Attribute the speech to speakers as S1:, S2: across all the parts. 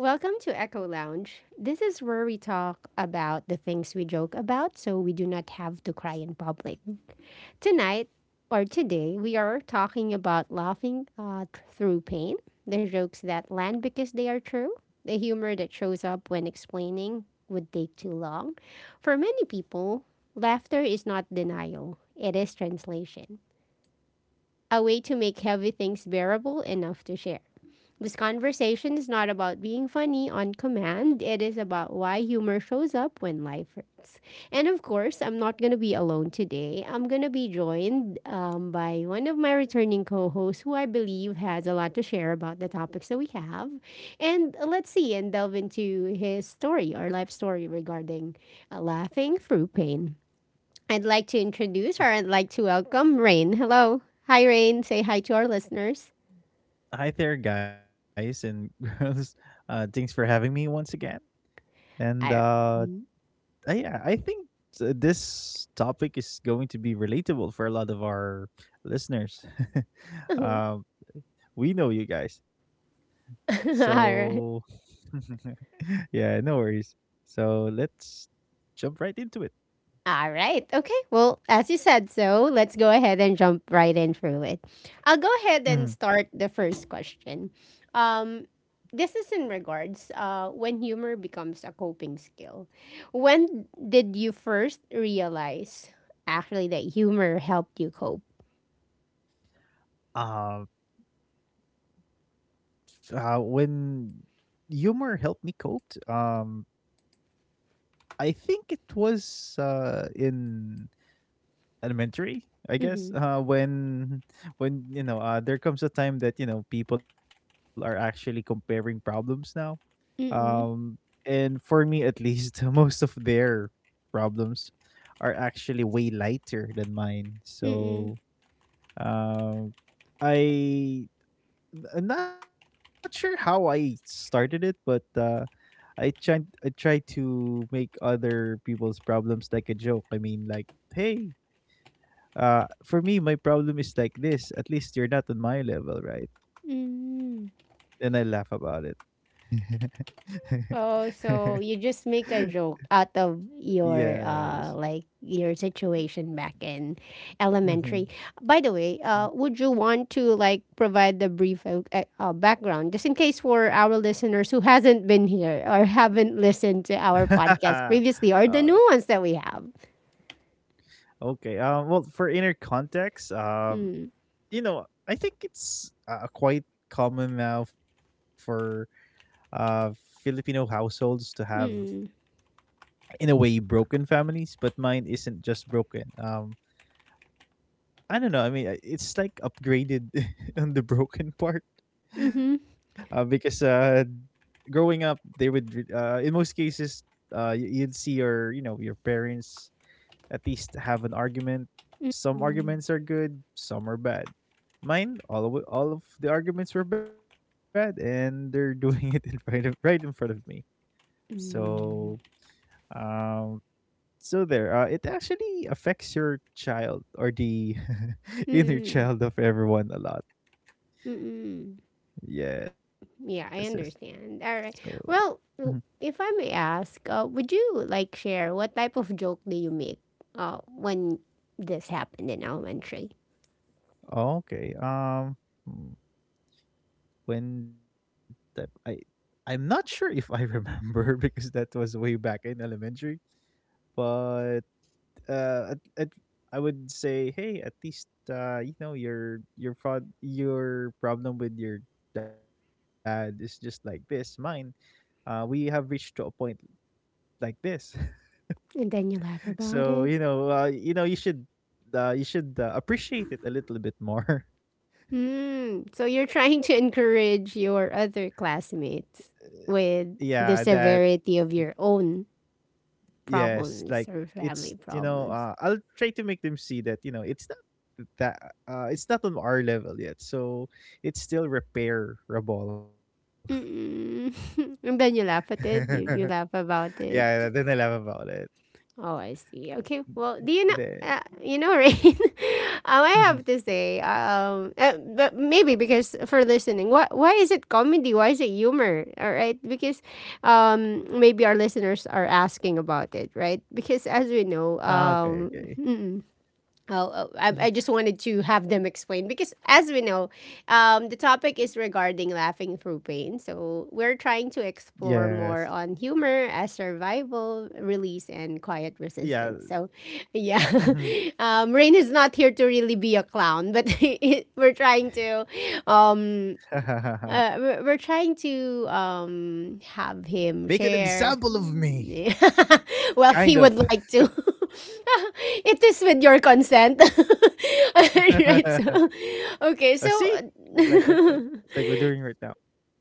S1: Welcome to Echo Lounge. This is where we talk about the things we joke about so we do not have to cry in public. Tonight or today, we are talking about laughing through pain, the jokes that land because they are true, the humor that shows up when explaining would take too long. For many people, laughter is not denial, it is translation, a way to make heavy things bearable enough to share. This conversation is not about being funny on command. It is about why humor shows up when life hurts. And of course, I'm not going to be alone today. I'm going to be joined by one of my returning co hosts who I believe has a lot to share about the topics that we have. And let's see and delve into his story or life story regarding laughing through pain. I'd like to introduce or I'd like to welcome Rain. Hello. Hi, Rain. Say hi to our listeners.
S2: Hi there, guys and girls. Thanks for having me once again. And
S1: Hi.
S2: uh, uh, yeah, I think this topic is going to be relatable for a lot of our listeners. um, we know you guys.
S1: All
S2: So,
S1: right.
S2: yeah, no worries. So, let's jump right into it.
S1: All right. Okay. Well, as you said, so let's go ahead and jump right in through it. I'll go ahead and start
S2: Mhm.
S1: the first question. Um, this is in regards when humor becomes a coping skill. When did you first realize actually that humor helped you cope?
S2: Uh, when humor helped me cope, um, I think it was in elementary, I guess.
S1: Mm-hmm.
S2: When there comes a time that people are actually comparing problems now. Um,
S1: Mm-mm.
S2: and for me, at least, most of their problems are actually way lighter than mine.
S1: Mm-mm.
S2: So, um, I I'm not sure how I started it, but I tried to make other people's problems like a joke. I mean, like, hey, for me, my problem is like this. At least you're not on my level, right? And I
S1: Mm.
S2: laugh about it.
S1: Oh, so you just make a joke out of your
S2: Yes.
S1: like your situation back in elementary.
S2: Mhm.
S1: By the way, would you want to like provide the brief background just in case for our listeners who hasn't been here or haven't listened to our podcast
S2: Uh,
S1: previously or the new ones that we have?
S2: okay. Well, for inner context,
S1: Mm.
S2: you know, I think it's quite common now for uh Filipino households to have,
S1: Mm.
S2: in a way, broken families. But mine isn't just broken. I don't know. I mean, it's like upgraded on the broken part
S1: Mhm.
S2: because growing up, in most cases you'd see your you know your parents at least have an argument. Some
S1: Mm.
S2: arguments are good, some are bad. Mine, all of the arguments were bad, and they're doing it in front of right in front of me. So
S1: Mm.
S2: um there, it actually affects your child or the inner
S1: Mm.
S2: child of everyone a lot.
S1: Mm.
S2: Yes, yes.
S1: Yeah, I
S2: So,
S1: understand. All right.
S2: mhm.
S1: Well, if I may ask, would you like share what type of joke do you make when this happened in elementary?
S2: okay um hmm, when that I'm not sure if I remember because that was way back in elementary, but uh at, at, I would say, hey, at least your problem with your dad is just like this. Mine, we have reached to a point like this.
S1: And then you laugh
S2: So,
S1: about it.
S2: you should appreciate it a little bit more.
S1: Hmm. So you're trying to encourage your other classmates
S2: yeah,
S1: with
S2: that
S1: the severity of your own
S2: yes, like
S1: problems or
S2: it's,
S1: family problems.
S2: I'll try to make them see that it's not that it's not on our level yet, so it's still repairable.
S1: Mm-mm. And then you laugh at it. You laugh
S2: Yeah,
S1: about
S2: then I
S1: it.
S2: laugh about it.
S1: Oh, I see. Okay. Well, do you
S2: Then,
S1: know? You know, Rain. Um, I have to say, but maybe because for listening, why is it comedy? Why is it humor? All right, because maybe our listeners are asking about it, right? Because as we know,
S2: okay, okay.
S1: oh, oh, I just wanted to have them explain because, as we know, the topic is regarding laughing through pain. So, we're trying to
S2: Yes,
S1: explore more on humor as survival, release, and quiet
S2: yeah.
S1: resistance. So, yeah, Rain is not here to really be a clown, but we're trying to um, we're trying to
S2: Make
S1: have
S2: an
S1: him
S2: example of
S1: share.
S2: me. Kind of.
S1: Well, he would like to. It is with your consent. Right. So, okay.
S2: See,
S1: So,
S2: like what I, like we're doing right now.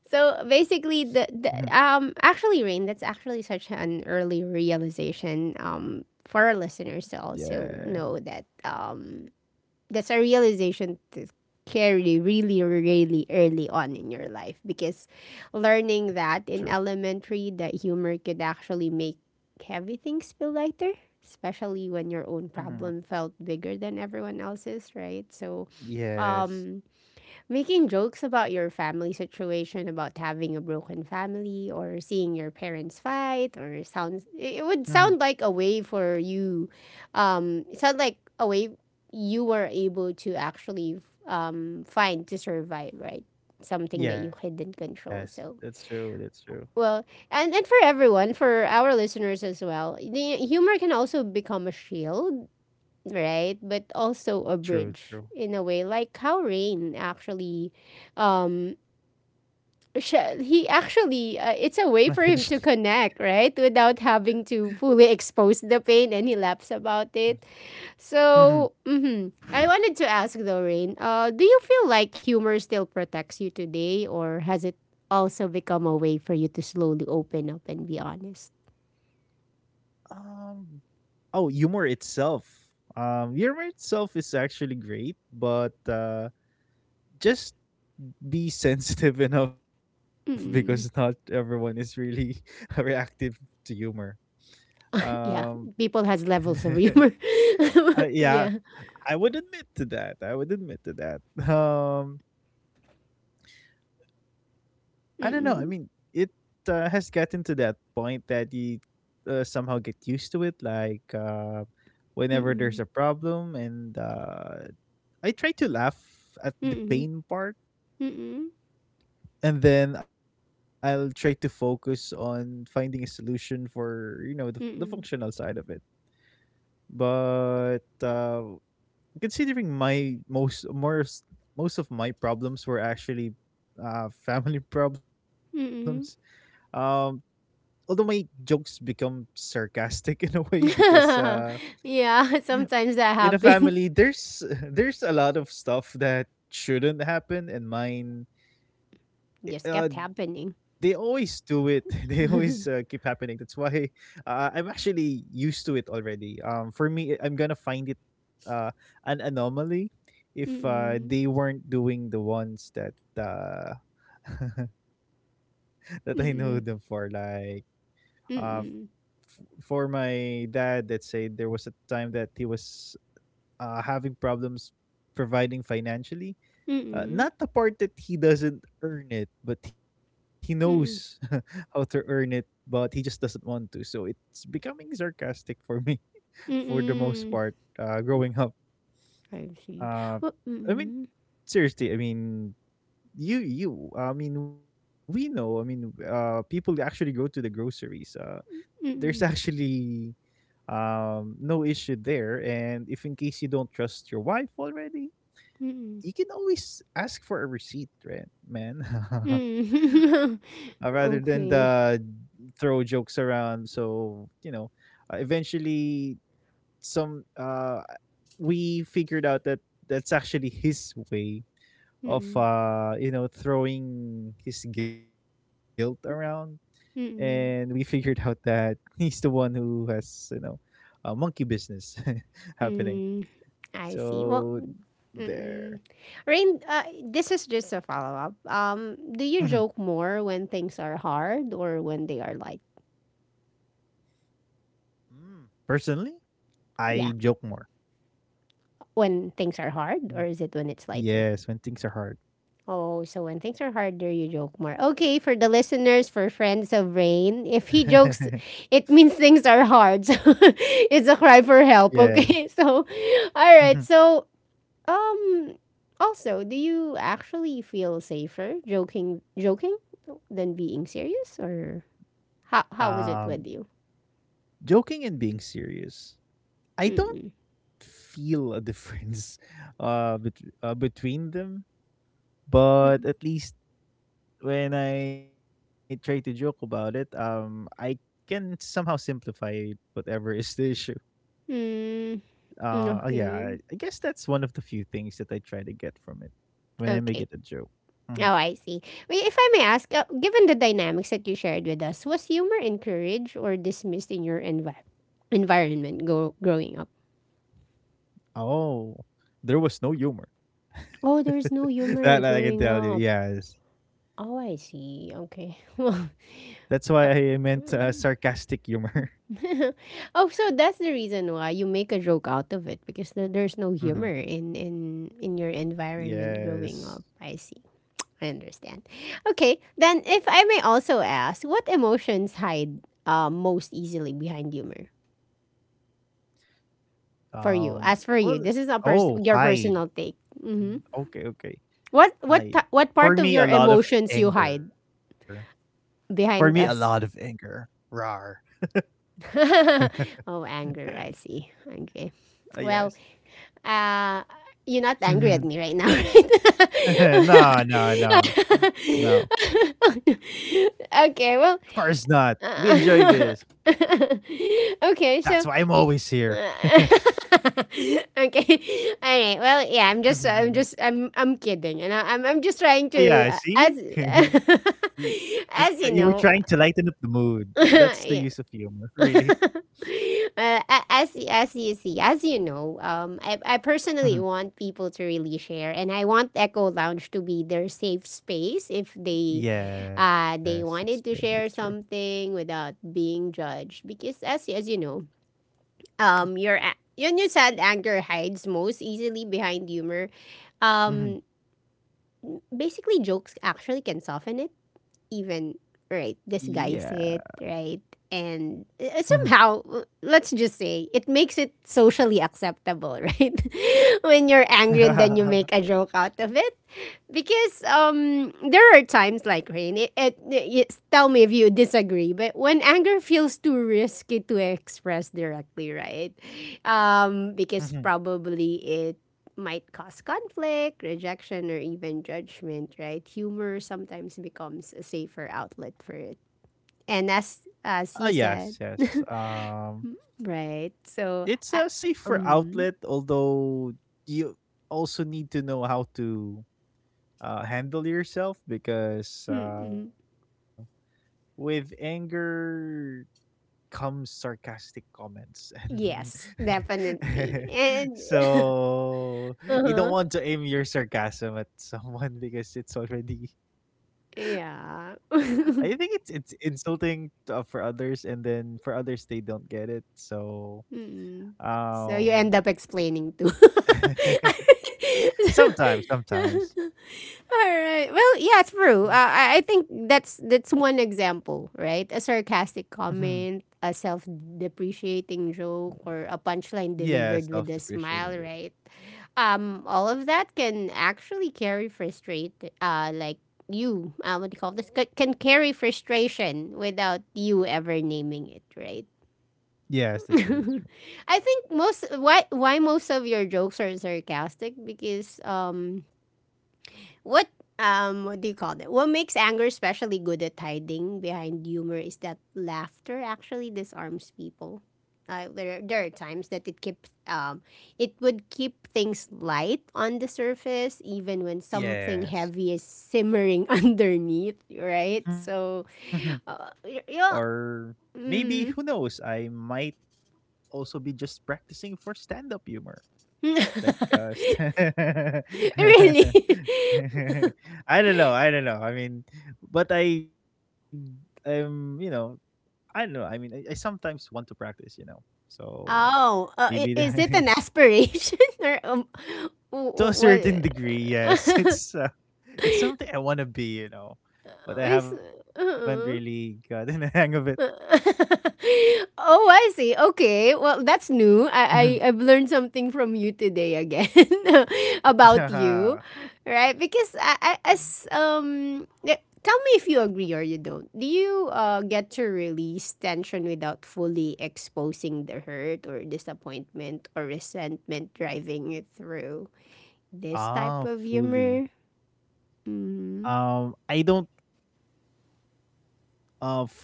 S1: so
S2: Hmm.
S1: basically, the actually, Rain. That's actually such an early realization for our listeners to
S2: Yeah,
S1: also know that that's a realization to carry really, really early on in your life because
S2: true.
S1: learning that in elementary that humor could actually make heavy things feel lighter, especially when your own
S2: Hmm.
S1: problem felt bigger than everyone else's, right? So
S2: Yes.
S1: um, making jokes about your family situation, about having a broken family, or seeing your parents fight, or sounds
S2: Hmm.
S1: it would sound like a way for you. It sounded like a way you were able to actually find to survive, right? Something that you
S2: Yes,
S1: couldn't
S2: that's true.
S1: control.
S2: That's
S1: So
S2: true.
S1: well, and for everyone, for our listeners as well, the humor can also become a shield, right? But also a
S2: True. True.
S1: bridge in a way, like how Rain actually, um, he actually, it's a way
S2: Managed.
S1: for him to connect, right? Without having to fully expose the pain and he laughs about it.
S2: Hmm.
S1: So, mhm. I wanted to ask though, Rain, do you feel like humor still protects you today or has it also become a way for you to slowly open up and be honest?
S2: Um. Oh, humor itself. Humor itself is actually great, but just be sensitive enough because not
S1: Mm.
S2: everyone is really reactive to humor. Um.
S1: Yeah, people has levels of humor.
S2: Yeah,
S1: Yeah.
S2: I would admit to that. I would admit to that. Um, I don't know. I mean,
S1: Mm-mm.
S2: it has gotten to that point that you somehow get used to it. Like, whenever there's
S1: Mm-mm.
S2: a problem, and I try to laugh at the
S1: Mm-mm.
S2: pain part,
S1: Mm-mm.
S2: and then I'll try to focus on finding a solution for the functional
S1: Mm-mm.
S2: side of it. But considering my most of my problems were actually family problems.
S1: Mm-mm.
S2: Um, Although my jokes become sarcastic in a way because
S1: Yeah, sometimes
S2: in
S1: that
S2: a family
S1: happens.
S2: there's there's a lot of stuff that shouldn't happen, and mine,
S1: Just kept
S2: they
S1: happening.
S2: always do it they always, keep
S1: Mm-mm.
S2: happening. That's why, I'm actually used to it already. For me, I'm gonna find it, uh, an anomaly if they weren't doing the ones that, uh, that I know them for.
S1: Mm-mm.
S2: Like, uh,
S1: Mm-mm.
S2: for my dad, let's say there was a time that he was, having problems providing financially.
S1: Mm-mm.
S2: Not the part that he doesn't earn it, but he knows
S1: Mm-mm.
S2: how to earn it, but he just doesn't want to. So it's becoming sarcastic for me for the most
S1: Mm-mm.
S2: part, growing up.
S1: I see.
S2: Uh,
S1: Well,
S2: I mean,
S1: mm-mm.
S2: seriously, I mean, you I mean, we know. I mean, people actually go to the groceries. There's
S1: Mm-mm.
S2: actually no issue there, and if in case you don't trust your wife already,
S1: Mm-mm.
S2: you can always ask for a receipt, right, man?
S1: Mm-mm.
S2: Rather than
S1: Okay.
S2: the throw jokes around. So, eventually some we figured out that that's actually his way of
S1: Mm-mm.
S2: throwing his guilt around, and we figured
S1: Mm-mm.
S2: out that he's the one who has, monkey business happening.
S1: Mm. I see.
S2: So
S1: Well,
S2: there.
S1: mm-mm. Rain, this is just a follow up. Do you
S2: Mhm.
S1: joke more when things are hard or when they are light?
S2: Mm. Personally, I joke
S1: Yeah,
S2: more.
S1: when things are
S2: Mm.
S1: hard or is it when it's lighter?
S2: Yes, when things are hard.
S1: Oh, so when things are harder, you joke more. Okay, for the listeners, for friends of Rain, if he jokes, it means things are hard. So it's a cry for
S2: Yes.
S1: help. Okay, so
S2: Mhm.
S1: all right. So um, also, do you actually feel safer joking than being serious or how
S2: um
S1: was it with you?
S2: Joking and being serious, I don't
S1: Mm-mm.
S2: feel a difference between them, but
S1: Mm-mm.
S2: at least when I try to joke about it, I can somehow simplify whatever is the issue.
S1: Mm, mm,
S2: Yeah, I,
S1: okay.
S2: I guess that's one of the few things that I try to get from it when I make
S1: Okay.
S2: it a joke. Mhm.
S1: Oh, I see. Wait, if I may ask, given the dynamics that you shared with us, was humor encouraged or dismissed in your environment growing up?
S2: Oh, there was no humor.
S1: Oh, there is no
S2: That,
S1: humor
S2: I can
S1: growing
S2: tell you.
S1: up.
S2: Yes,
S1: Oh, I see. Okay.
S2: that's
S1: Well,
S2: why I meant,
S1: uh,
S2: sarcastic
S1: mm.
S2: humor.
S1: Oh, so that's the reason why you make a joke out of it because there's no
S2: Hmm.
S1: humor in your environment growing
S2: Yes.
S1: up. I see. I understand. Okay, then if I may also ask, what emotions hide most easily behind humor for
S2: Um.
S1: you? As for
S2: Well.
S1: you, this is a
S2: Oh,
S1: your
S2: hide.
S1: personal take. Hmm.
S2: Okay. Okay. Hide.
S1: What
S2: For
S1: part of
S2: me,
S1: your
S2: a lot of
S1: emotions you
S2: anger.
S1: hide
S2: For me, a lot of
S1: behind us?
S2: anger. Rar.
S1: Oh, anger. I see. Okay.
S2: Yes.
S1: Well, uh, you're not angry
S2: No,
S1: at me right now, right?
S2: no, no, no. Of course
S1: Okay. Well,
S2: not. We enjoy this.
S1: uh,
S2: That's
S1: okay,
S2: why I'm
S1: so
S2: always
S1: y-
S2: here.
S1: okay, all right. Well, yeah, I'm kidding, and I'm just trying
S2: Yeah,
S1: to,
S2: see?
S1: as,
S2: You were trying
S1: as
S2: to
S1: you
S2: lighten up
S1: know,
S2: the mood. That's the use of
S1: yeah.
S2: humor, really.
S1: uh, as you see, as you know, I
S2: Mhm.
S1: personally want people to really share, and I want Echo Lounge to be their safe space if they,
S2: Yes, it's
S1: they
S2: true. It's
S1: wanted to
S2: true.
S1: share something without being judged. Because as you know, your yung sad anger hides most easily behind humor.
S2: Hmm.
S1: Um, basically, jokes actually can soften it even, right,
S2: Yeah.
S1: disguise it, right? And
S2: Hmm.
S1: somehow, let's just say, it makes it socially acceptable, right? When you're angry and then you make a joke out of it, because there are times like Rain. Tell me if you disagree, but when anger feels too risky to express directly, right? Because probably it might cause conflict, rejection, or even judgment, right? Humor sometimes becomes a safer outlet for it. And
S2: Ah, yes,
S1: as you
S2: yes.
S1: said,
S2: Um,
S1: right?
S2: it's
S1: So,
S2: a safer outlet,
S1: um,
S2: although you also need to know how to, handle yourself because,
S1: mm-mm.
S2: with anger comes sarcastic comments,
S1: Yes,
S2: and
S1: definitely. And
S2: so you don't want
S1: uh-huh,
S2: to aim your sarcasm at someone because it's already.
S1: yeah.
S2: I think it's insulting, for others, and then for others they don't get it. So,
S1: Mm-mm. So
S2: um
S1: you end up explaining too.
S2: sometimes, sometimes.
S1: All right. Well, yeah, true.
S2: Mm,
S1: I think that's one example, right? A sarcastic
S2: mhm.
S1: comment, a self-depreciating joke, or a punchline
S2: Yeah,
S1: delivered with a
S2: self-depreciating though.
S1: smile, right? All of that can actually carry frustrate, uh, like what do you call this? Can carry frustration without you ever naming it, right?
S2: Yes, that's true, that's true.
S1: I think most why most of your jokes are sarcastic because what what do you call that? What makes anger especially good at hiding behind humor is that laughter actually disarms people. There are times that it keeps it would keep things light on the surface even when something
S2: Yes.
S1: heavy is simmering underneath, right?
S2: Mhm.
S1: So,
S2: Or
S1: yeah,
S2: maybe who knows,
S1: mm.
S2: I might also be just practicing for stand-up humor. Like, st
S1: Really.
S2: I don't know, I don't know. I mean, but um, you know, I don't know. I mean, I sometimes want to practice, you know. So,
S1: Oh,
S2: maybe the
S1: is it an aspiration or
S2: to a
S1: what?
S2: certain degree, yes, it's something I want to be, you know, but I
S1: Is
S2: haven't really
S1: uh-uh.
S2: gotten the hang of it.
S1: Oh, I see. Okay. Well, that's new.
S2: Mhm.
S1: I've learned something from you today again about you, right? Because I as yeah, tell me if you agree or you don't. Do you get to release tension without fully exposing the hurt or disappointment or resentment driving you through this type of
S2: Fully.
S1: humor? Mm-hmm.
S2: I don't fully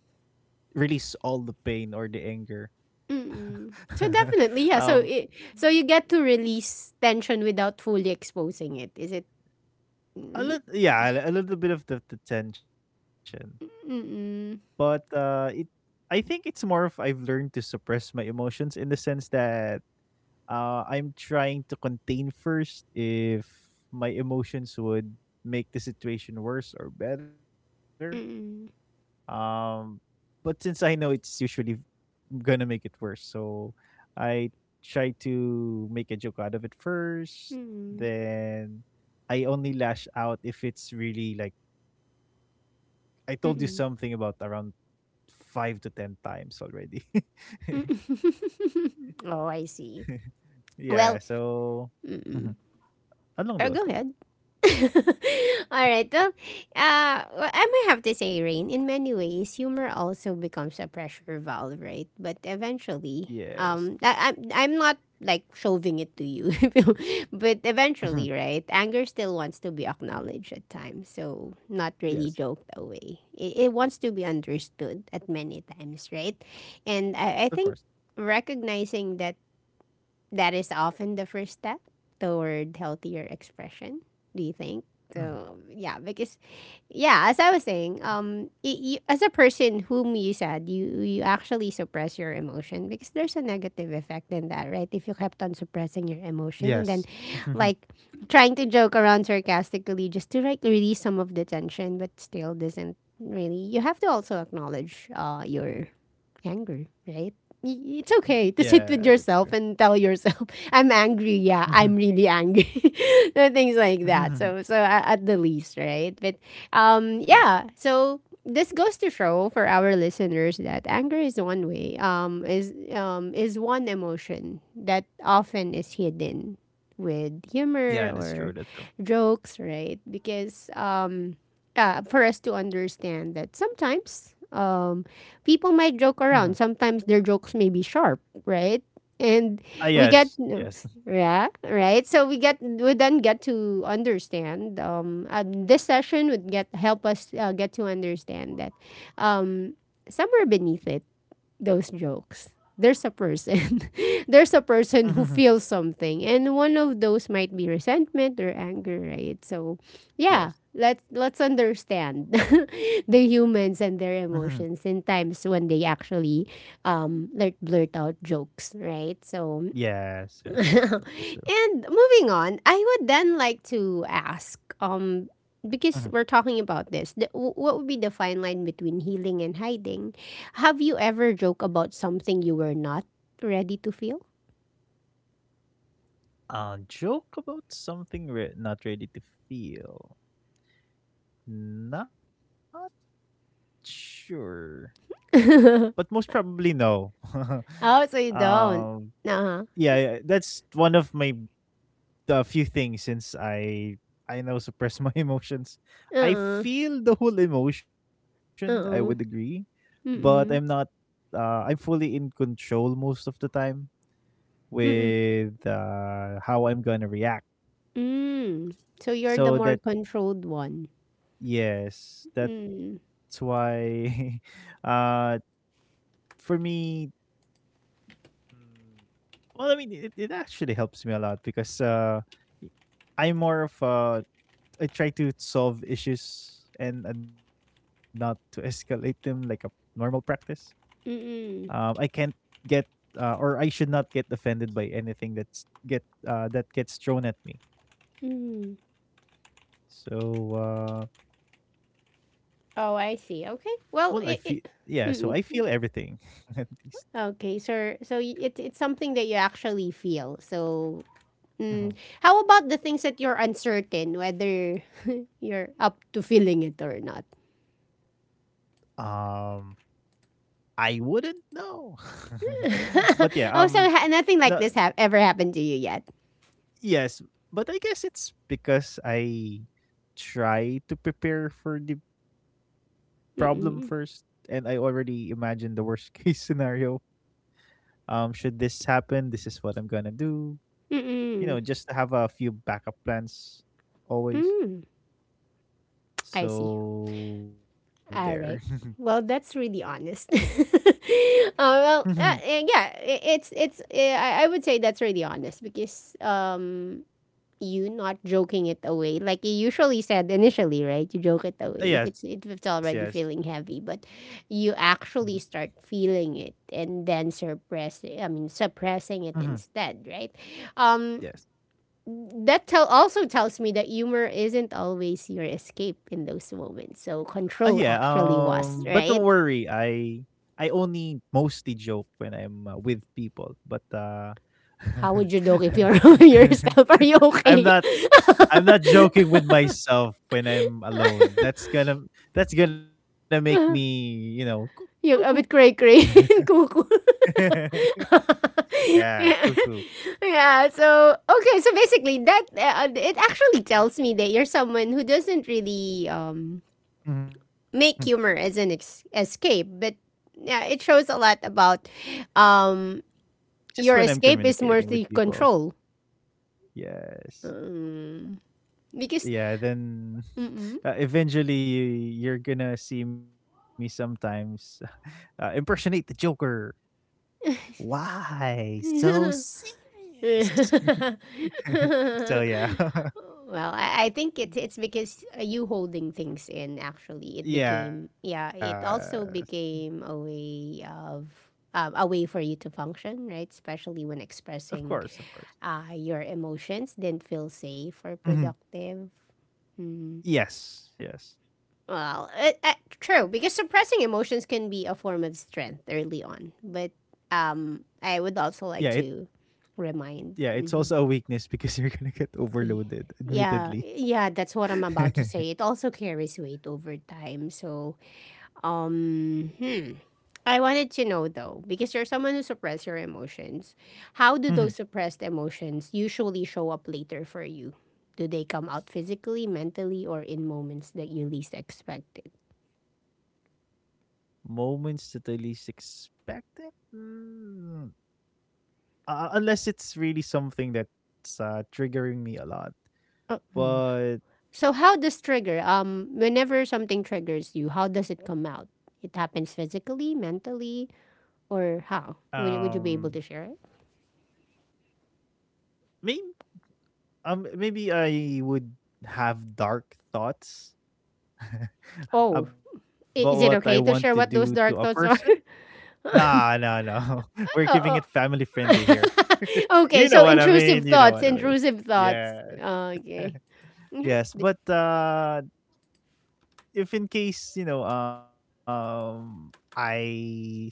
S2: release all the pain or the anger.
S1: Mm-mm. So definitely, yeah.
S2: um,
S1: So it, so you get to release tension without fully exposing it. Is it?
S2: a
S1: Mm-mm.
S2: little, yeah, a little bit of the tension. But
S1: Mm-mm.
S2: it. I think it's more of I've learned to suppress my emotions in the sense that I'm trying to contain first if my emotions would make the situation worse or better.
S1: Mm-mm.
S2: Um, but since I know it's usually gonna make it worse, so I try to make a joke out of it first.
S1: Mm-mm.
S2: Then I only lash out if it's really like I told you something about
S1: Mm.
S2: around 5 to 10 times already.
S1: Oh, I see.
S2: Yeah,
S1: Well,
S2: so
S1: mm-mm.
S2: mhm, along
S1: Oh,
S2: those
S1: go
S2: lines.
S1: ahead. All right. Well, well, I might have to say, Rain, in many ways, humor also becomes a pressure valve, right? But eventually,
S2: Yes.
S1: I'm not like shoving it to you, but
S2: Mhm.
S1: eventually, right? Anger still wants to be acknowledged at times, so not really
S2: Yes,
S1: joked away. It wants to be understood at many times, right? And
S2: of course.
S1: I think recognizing that that is often the first step toward healthier expression. Do you think
S2: Mhm.
S1: so? Yeah because yeah as I was saying, you, as a person whom you said you actually suppress your emotion because there's a negative effect in that, right? If you kept on suppressing your
S2: Yes.
S1: emotion and then, like, trying to joke around sarcastically just to, like, release some of the tension, but still doesn't really. You have to also acknowledge your anger, right? It's okay to
S2: Yeah,
S1: sit
S2: that's
S1: with
S2: true.
S1: yourself and tell yourself, "I'm angry. Yeah,
S2: Mhm.
S1: I'm really angry." So things like that. So, at the least, right? But, um,
S2: Yes.
S1: yeah. So this goes to show for our listeners that anger is one way. Is one emotion that often is hidden with
S2: Yeah, that's
S1: humor
S2: true, that's
S1: or
S2: true.
S1: jokes, right? Because for us to understand that sometimes, people might
S2: Mhm.
S1: joke around. Sometimes their jokes may be sharp, right?
S2: Ah,
S1: And we
S2: yes,
S1: get,
S2: yes.
S1: yeah, right. So we get, we then get to understand. This session would get help us get to understand that, um, somewhere beneath it those jokes, there's a person. There's a
S2: Hmm.
S1: person who feels something. And one of those might be resentment or anger, right? So
S2: Yes.
S1: yeah, let's understand the humans
S2: Hmm.
S1: and their emotions in times when they actually like blurt out jokes, right? So
S2: Yes, yes, that's true, that's true.
S1: and moving on, I would then like to ask, because
S2: Mhm.
S1: we're talking about this, what would be the fine line between healing and hiding? Have you ever joked about something you were not ready to feel?
S2: Joke about something we're not ready to feel. Not sure, but most
S1: Oh,
S2: probably no.
S1: so you
S2: Um,
S1: don't? Uh huh.
S2: yeah, yeah, that's one of my a few things since I now suppress my emotions.
S1: Uh
S2: I
S1: uh.
S2: feel the whole emotion, I would
S1: Uh
S2: agree,
S1: uh.
S2: but I'm
S1: Mm
S2: not
S1: mm.
S2: I'm fully in control most of the time
S1: Mm.
S2: with how I'm going to react.
S1: Mm. So you're the
S2: So
S1: more
S2: that
S1: controlled one.
S2: yes, that's
S1: Mm.
S2: why uh for me, mm, well, I mean, it actually helps me a lot because y- I'm more of a I try to solve issues, and not to escalate them like a normal practice.
S1: Mm.
S2: I
S1: Mm.
S2: can't get, or I should not get offended by anything that gets thrown at me.
S1: Mm.
S2: So,
S1: Oh, I
S2: well,
S1: see.
S2: I
S1: Okay.
S2: feel
S1: Well,
S2: yeah.
S1: it.
S2: So I
S1: It
S2: feel
S1: mm,
S2: everything at least.
S1: okay, so so it, it's something that you actually feel. So,
S2: Mhm.
S1: mm, how about the things that you're uncertain whether you're up to feeling it or not?
S2: Um, I wouldn't know, but yeah.
S1: Oh, so
S2: No,
S1: nothing like this have ever happened to you yet?
S2: yes, but I guess it's because I try to prepare for the problem first,
S1: Mm-mm.
S2: and I already imagine the worst case scenario. Should this happen, this is what I'm gonna do. You know,
S1: Mm-mm.
S2: just to have a few backup plans always.
S1: Mm. I see.
S2: So there.
S1: All right. Well, that's really honest.
S2: Mhm.
S1: Yeah, it's it's, I would say that's really honest because, you not joking it away. Like you usually said initially, right? You joke it away
S2: Yes,
S1: if
S2: yes.
S1: it's already feeling heavy, but you
S2: Mhm,
S1: actually start feeling it and then suppress, I mean, suppressing it
S2: mhm.
S1: instead, right? Um
S2: Yes.
S1: that tells me that humor isn't always your escape in those moments. So control
S2: Yeah.
S1: actually was,
S2: But don't
S1: right?
S2: worry. I only mostly joke when I'm, with people, but,
S1: How would you joke if you're yourself? Are you
S2: I'm
S1: okay?
S2: not I'm not joking with myself when I'm alone. That's gonna make me, you know, cuckoo.
S1: Yung a bit cray cray and cuckoo.
S2: Yeah, cuckoo.
S1: Yeah, so okay, so basically that, it actually tells me that you're someone who doesn't really
S2: Mhm.
S1: make humor as an escape, but yeah, it shows a lot about um
S2: Just when I'm
S1: your escape is
S2: communicating with
S1: mostly
S2: people.
S1: control.
S2: Yes.
S1: Um, because
S2: Yeah, then
S1: mm-mm.
S2: eventually you're gonna see me sometimes impersonate the Joker. Why so serious?
S1: Well,
S2: so yeah,
S1: I think it's because, you holding things in, actually, it became,
S2: yeah,
S1: yeah. It also became a way of, a way for you to function, right? Especially when
S2: of course, of
S1: expressing
S2: course.
S1: your emotions didn't feel safe or
S2: Mhm.
S1: productive. Hmm.
S2: Yes, yes.
S1: Well, true, because suppressing emotions can be a form of strength early on, but, I would
S2: Yeah,
S1: also
S2: it
S1: like to
S2: yeah,
S1: remind.
S2: it's also a
S1: Mm-hmm,
S2: weakness because you're gonna get
S1: Ye
S2: overloaded,
S1: yeah,
S2: admittedly.
S1: yeah, that's what I'm about to say. It also carries weight over time. So, hmm. I wanted to know though, because you're someone who suppress your emotions. How
S2: Mhm.
S1: do those suppressed emotions usually show up later for you? Do they come out physically, mentally, or in moments that you least expect it?
S2: Moments that I least expected? Unless it's really something that's triggering me a lot.
S1: Mm.
S2: But
S1: So how does trigger? Whenever something triggers you, how does it come out? It happens physically, mentally, or how? Would you
S2: um
S1: be able to share it?
S2: maybe maybe I would have dark thoughts
S1: Oh,
S2: about what I want
S1: is
S2: to
S1: it okay
S2: do
S1: to
S2: to
S1: share
S2: a
S1: what those
S2: person.
S1: dark thoughts are?
S2: Nah, no, no. We're keeping
S1: Oh,
S2: it
S1: oh.
S2: family friendly here. You
S1: Okay,
S2: know
S1: so
S2: what I mean.
S1: intrusive
S2: You know
S1: thoughts,
S2: what I mean.
S1: intrusive thoughts.
S2: Yeah.
S1: Okay. Yeah.
S2: Yes, but if in case you know, I fe-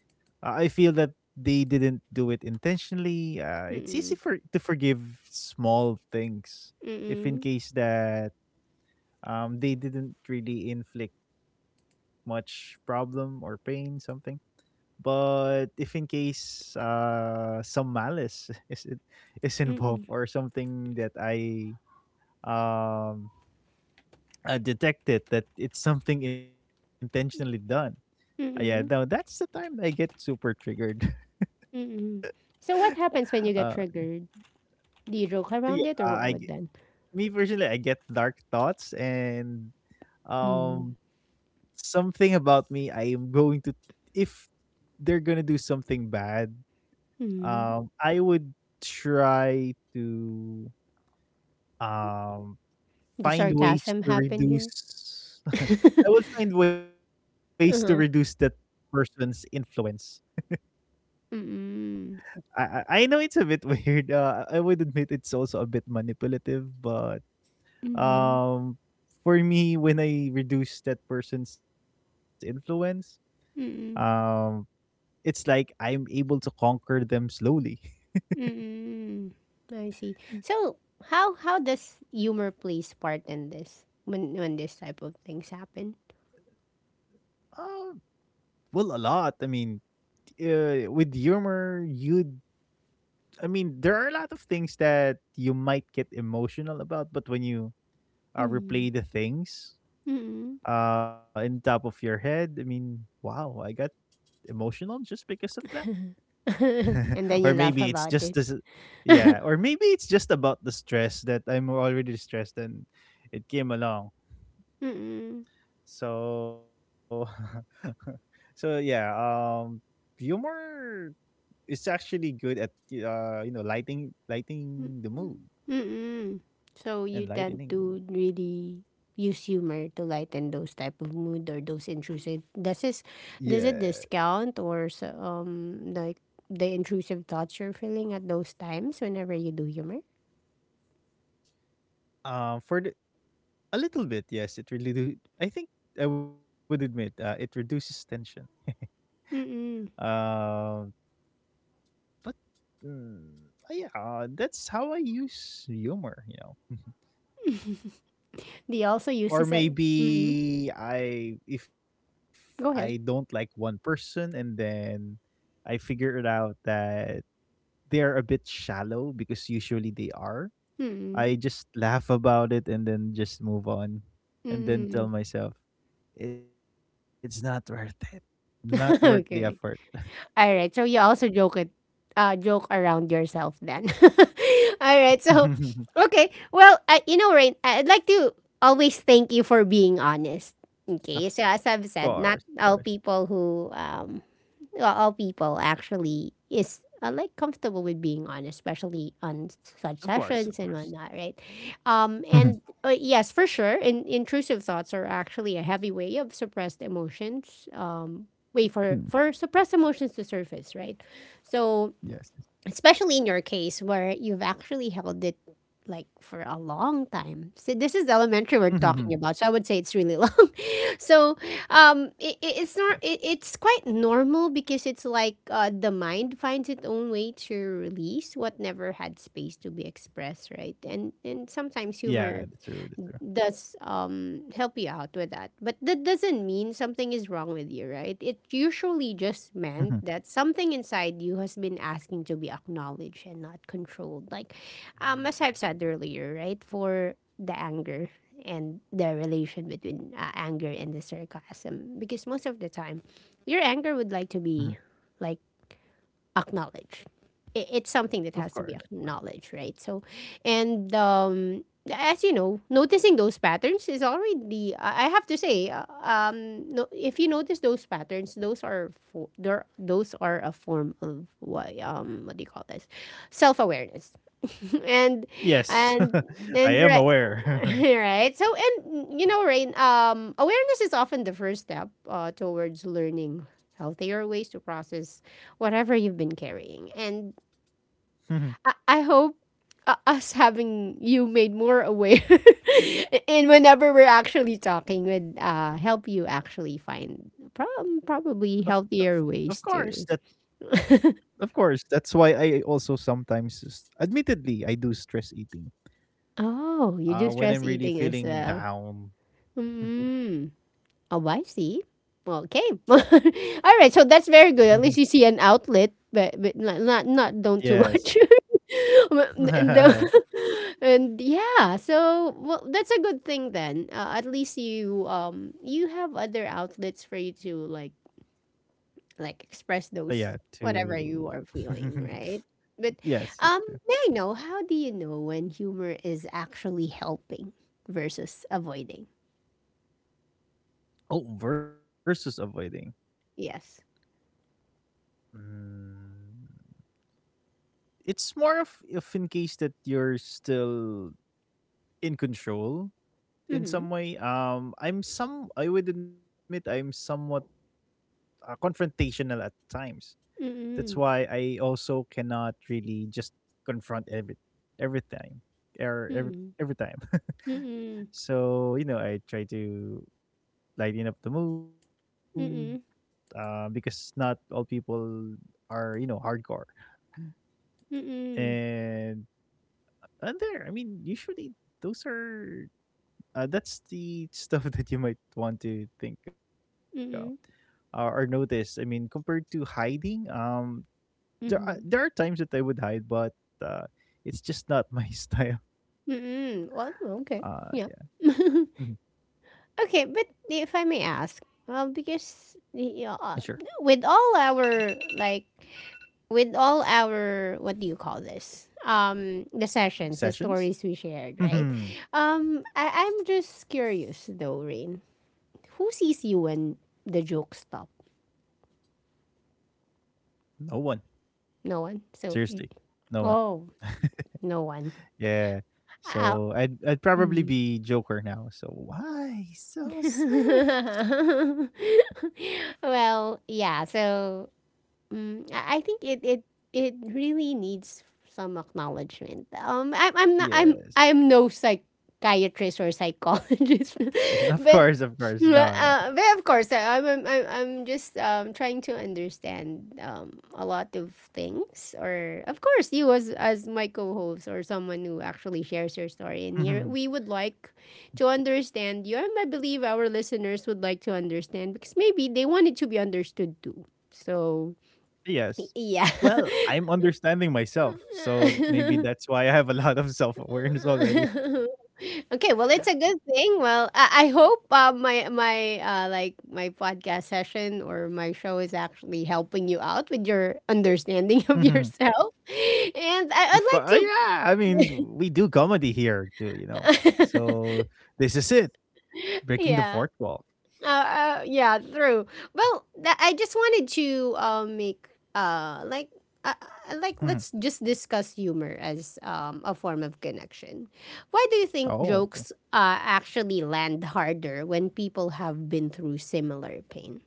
S2: uh, I feel that they didn't do it intentionally. It's easy
S1: Mm-mm.
S2: for to forgive small things if in
S1: Mm-mm.
S2: case that they didn't really inflict much problem or pain something. But if in case some malice is involved
S1: Mm-mm.
S2: or something that I um detected that it's something intentionally done, yeah, no, that's
S1: Mm-mm.
S2: the time I get super triggered.
S1: Mm-mm. So what happens when you
S2: Uh,
S1: get triggered? Do you joke
S2: yeah,
S1: around it or
S2: I g-
S1: what then?
S2: me personally, I get dark thoughts and
S1: Mm.
S2: something about me. I am going to, if they're gonna do something bad,
S1: Mm.
S2: I would try to um
S1: The
S2: find ways
S1: sarcasm
S2: to
S1: happen here?
S2: reduce. I will find ways to reduce that
S1: Uh-huh.
S2: person's influence.
S1: Mm-mm.
S2: I know it's a bit weird. I would admit it's also a bit manipulative, but
S1: Mm-mm.
S2: um for me when I reduce that person's influence, um
S1: Mm-mm.
S2: it's like I'm able to conquer them slowly.
S1: Mm, I see. So, how does humor plays part in this when this type of things happen?
S2: Um well a lot. I mean, with humor, you'd I mean, there are a lot of things that you might get emotional about, but when you
S1: Mm,
S2: replay the things
S1: mm.
S2: in top of your head, I mean, wow, I got emotional just because of that.
S1: And then
S2: Or
S1: you laugh
S2: maybe it's
S1: about
S2: just
S1: it.
S2: this, yeah, or maybe it's just about the stress that I'm already stressed and it came along.
S1: Mm,
S2: So, so yeah, humor is actually good at you know lighting the mood
S1: mm. So
S2: and
S1: you tend
S2: lightening the mood.
S1: to really use humor to lighten those type of mood or those intrusive. Does this
S2: Yeah.
S1: does it discount or so, like the intrusive thoughts you're feeling at those times whenever you do humor?
S2: For the a little bit, yes, it really do. I think I would admit it reduces tension.
S1: Mm.
S2: Um, but yeah, that's how I use humor, you know.
S1: Do you also use
S2: Or
S1: this? At,
S2: maybe I, if I don't
S1: go
S2: like
S1: ahead.
S2: one person, and then I figure it out that they're a bit shallow because usually they are.
S1: Mm.
S2: I just laugh about it and then just move on and then
S1: Mm.
S2: tell myself it's not worth it. Not worth the effort.
S1: Okay. All right. So you also joke it, joke around yourself then. All right. So, okay. Well, I, you know, Rain, I'd like to always thank you for being honest. Okay.
S2: Of
S1: So as
S2: course,
S1: I've
S2: of
S1: said,
S2: course.
S1: not all people who well, all people actually is, like, comfortable with being on, especially on
S2: Of
S1: such
S2: course, of
S1: sessions
S2: course.
S1: and whatnot, right? Um,
S2: Mhm.
S1: and uh, yes, for sure, in, intrusive thoughts are actually a heavy way of suppressed emotions.
S2: Mm,
S1: Way for suppressed emotions to surface, right? So
S2: yes, yes.
S1: especially in your case where you've actually held it like for a long time. So this is elementary we're talking
S2: Mhm.
S1: about, so I would say it's really long. So
S2: Yeah.
S1: it, it's not it, it's quite normal because it's like, the mind finds its own way to release what never had space to be expressed, right? And sometimes
S2: Yeah,
S1: humor
S2: the true.
S1: does, help you out with that. But that doesn't mean something is wrong with you, right? It usually just
S2: Mhm.
S1: meant that something inside you has been asking to be acknowledged and not controlled. Like,
S2: Mm,
S1: as
S2: mhm,
S1: I've said earlier, right? For the anger and the relation between, anger and the sarcasm. Because most of the time, your anger would
S2: mhm.
S1: like to be, like, acknowledged. It's
S2: Of
S1: something that
S2: course,
S1: has to
S2: of
S1: be
S2: course.
S1: acknowledged, right? So, and, as you know, noticing those patterns is already. I have to say, no, if you notice those patterns, those are for there. Those are a form of what do you call this? Self awareness, and
S2: Yes.
S1: and
S2: I am
S1: and
S2: aware.
S1: right? So and you know, Rain, awareness is often the first step towards learning healthier ways to process whatever you've been carrying. And
S2: Mhm.
S1: I hope us having you made more aware and whenever we're actually talking would, help you actually find
S2: of,
S1: probably
S2: of of
S1: healthier
S2: course
S1: ways
S2: that
S1: to.
S2: of course that's why I also sometimes admittedly I do stress eating.
S1: Oh, you do
S2: When
S1: stress
S2: I'm
S1: eating
S2: really
S1: as
S2: feeling
S1: well.
S2: down.
S1: Mm. Oh, I see. Well, okay. All right. So that's very good. At least you see an outlet, but, but not, don't too
S2: Yes.
S1: much. And,
S2: Yeah,
S1: and yeah, so well, that's a good thing then. At least you you have other outlets for you to like express those whatever
S2: to
S1: you are feeling, right? But,
S2: yes,
S1: um,
S2: it's true.
S1: may I know how do you know when humor is actually helping versus avoiding?
S2: Oh, versus avoiding.
S1: Yes.
S2: Mm, it's more of if in case that you're still in control in
S1: Mm-hmm.
S2: some way. I'm some. I would admit I'm somewhat confrontational at times. That's why
S1: Mm-hmm.
S2: I also cannot really just confront every time or every
S1: Mm-hmm.
S2: every time.
S1: Mm-mm.
S2: So, you know, I try to lighten up the mood
S1: Mm-mm.
S2: because not all people are, you know, hardcore.
S1: Mm-mm.
S2: And, and there, I mean, usually those are, that's the stuff that you might want to think of
S1: Mm-mm.
S2: or notice. I mean, compared to hiding, there are
S1: Mhm.
S2: times that I would hide, but uh, it's just not my style.
S1: Mm-mm. Well, okay.
S2: Uh,
S1: Yeah.
S2: yeah, mhm.
S1: Okay, but if I may ask, uh, because
S2: Sure.
S1: y- uh, with all our like with all our what do you call this, the sessions the
S2: Sessions?
S1: stories we shared, right?
S2: No
S1: I'm just curious though, Rain, who sees you when the jokes stop?
S2: one.
S1: No one,
S2: Seriously,
S1: so?
S2: no one.
S1: Oh, no one.
S2: Yeah. So
S1: Uh,
S2: I'd probably
S1: mm.
S2: be Joker now. So why so serious?
S1: Well, yeah. So mm, I think it really needs some acknowledgement. I'm not
S2: Yes.
S1: I'm I'm no psychiatrist or psychologist,
S2: Of
S1: but
S2: course, of course. No, no.
S1: but of course I'm just trying to understand a lot of things. Or of course you as my co-host or someone who actually shares your story in here, we would like to understand you, and I believe our listeners would like to understand because maybe they want it to be understood too. So
S2: Yes. Well,
S1: yeah.
S2: I'm understanding myself, so maybe that's why I have a lot of self awareness already.
S1: Okay, well, it's a good thing. Well, I hope, my my, like, my podcast session or my show is actually helping you out with your
S2: Of
S1: understanding of yourself. And I,
S2: course,
S1: I'd
S2: yeah. I
S1: like
S2: mean, we do comedy here too, you know.
S1: to,
S2: So this is it, breaking the fourth
S1: yeah.
S2: wall.
S1: Yeah, true. Well, I just wanted to, make uh like uh, like, let's just discuss humor as a form of connection. Why do you think
S2: Oh,
S1: jokes actually land harder when people have been through similar pain?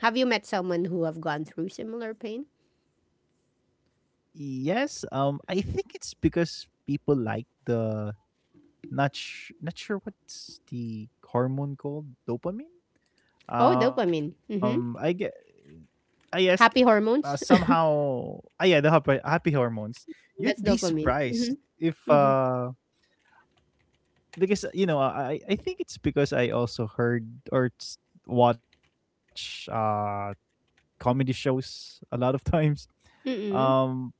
S1: Have you met someone who have gone through similar pain?
S2: yes, I think it's because people like the not sure what's the hormone called dopamine.
S1: Oh,
S2: Um, I
S1: dopamine.
S2: get,
S1: Mm-hmm.
S2: I ask,
S1: Happy hormones.
S2: somehow, ah, yeah, the happy, happy hormones. You'd be
S1: That's dopamine.
S2: surprised if,
S1: Mm-hmm. Mm-hmm.
S2: because you know, I think it's because I also heard or s- watch comedy shows a lot of times. Um,
S1: Mm-mm.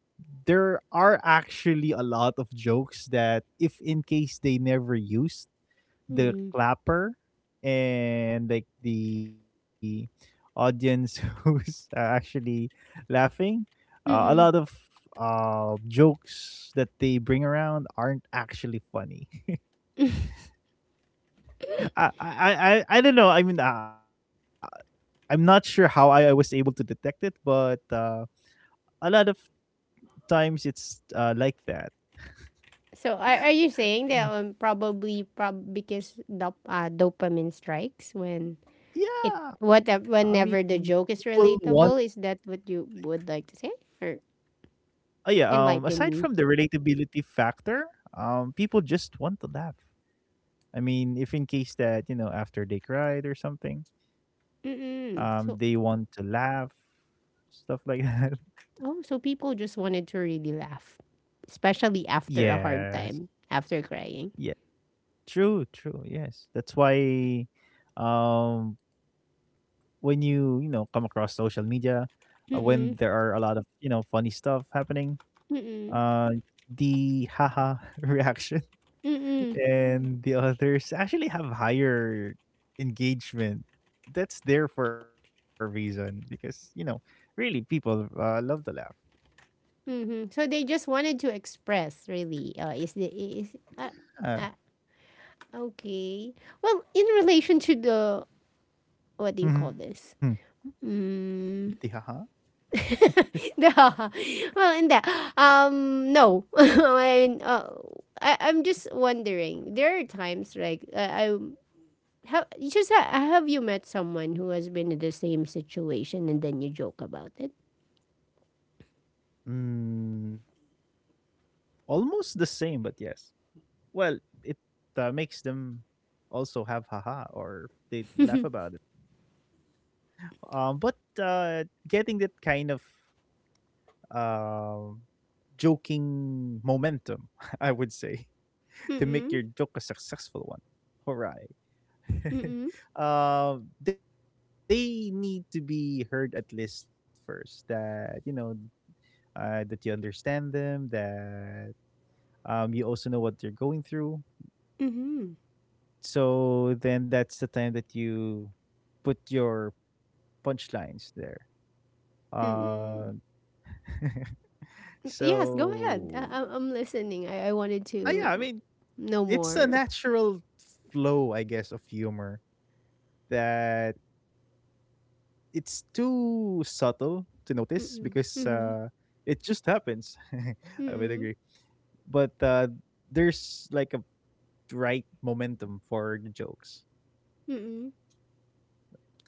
S2: there are actually a lot of jokes that, if in case they never used the
S1: Mm-mm.
S2: clapper and like the audience who's actually laughing, a lot of
S1: Mm-mm.
S2: jokes that they bring around aren't actually funny. i i I don't know. I'm not sure how I was able to detect it, but a lot of times it's like that.
S1: So are you saying
S2: Mm.
S1: that, probably prob because dop dopamine strikes when it
S2: Yeah, I
S1: what
S2: mean,
S1: whenever the
S2: people
S1: joke is
S2: want.
S1: relatable? Is that what you would like to say or
S2: Oh yeah. Aside
S1: enlighten
S2: from the
S1: me?
S2: relatability factor, people just want to laugh. I mean, if in case that you know after they cried or something, they
S1: Mm-mm.
S2: want
S1: So
S2: to laugh, stuff like that.
S1: oh, so people just wanted to really laugh, especially after a hard
S2: Yes.
S1: time, after crying.
S2: Yeah. True. True. Yes. That's why, um, when you know come across social media, when there are a
S1: Mm-mm.
S2: lot of you know funny stuff happening,
S1: Mm-mm.
S2: uh, the haha reaction
S1: Mm-mm.
S2: and the others actually have higher engagement. That's there for a reason because you know, really people love to laugh.
S1: Mm-hmm. So they just wanted to express really. Is the is
S2: Yeah,
S1: uh, okay. Well, in relation to the what do you
S2: hmm
S1: call this?
S2: the haha.
S1: Mm. the- well, in that, no. I mean, I'm just wondering. There are times like I have just ha- have you met someone who has been in the same situation and then you joke about it?
S2: Mm, almost the same, but yes. Well, it makes them also have haha or they laugh about it. But uh, getting that kind of um joking momentum, I would say, to make your
S1: Mm-mm.
S2: joke a successful one. Hooray.
S1: Mm-mm.
S2: Uh, they need to be heard at least first that, you know, that you understand them, that you also know what they're going through.
S1: Mm-mm.
S2: So then that's the time that you put your punchlines there. Uh,
S1: Mm-mm. Yes, go
S2: so,
S1: ahead. I'm listening. I wanted
S2: yeah, I mean,
S1: to know
S2: it's a
S1: more.
S2: natural flow, I guess, of humor that it's too subtle to notice because
S1: Mm-mm. Mm-mm.
S2: it just happens. I would agree,
S1: Mm-mm.
S2: but there's like a right momentum for the jokes.
S1: Mm-mm.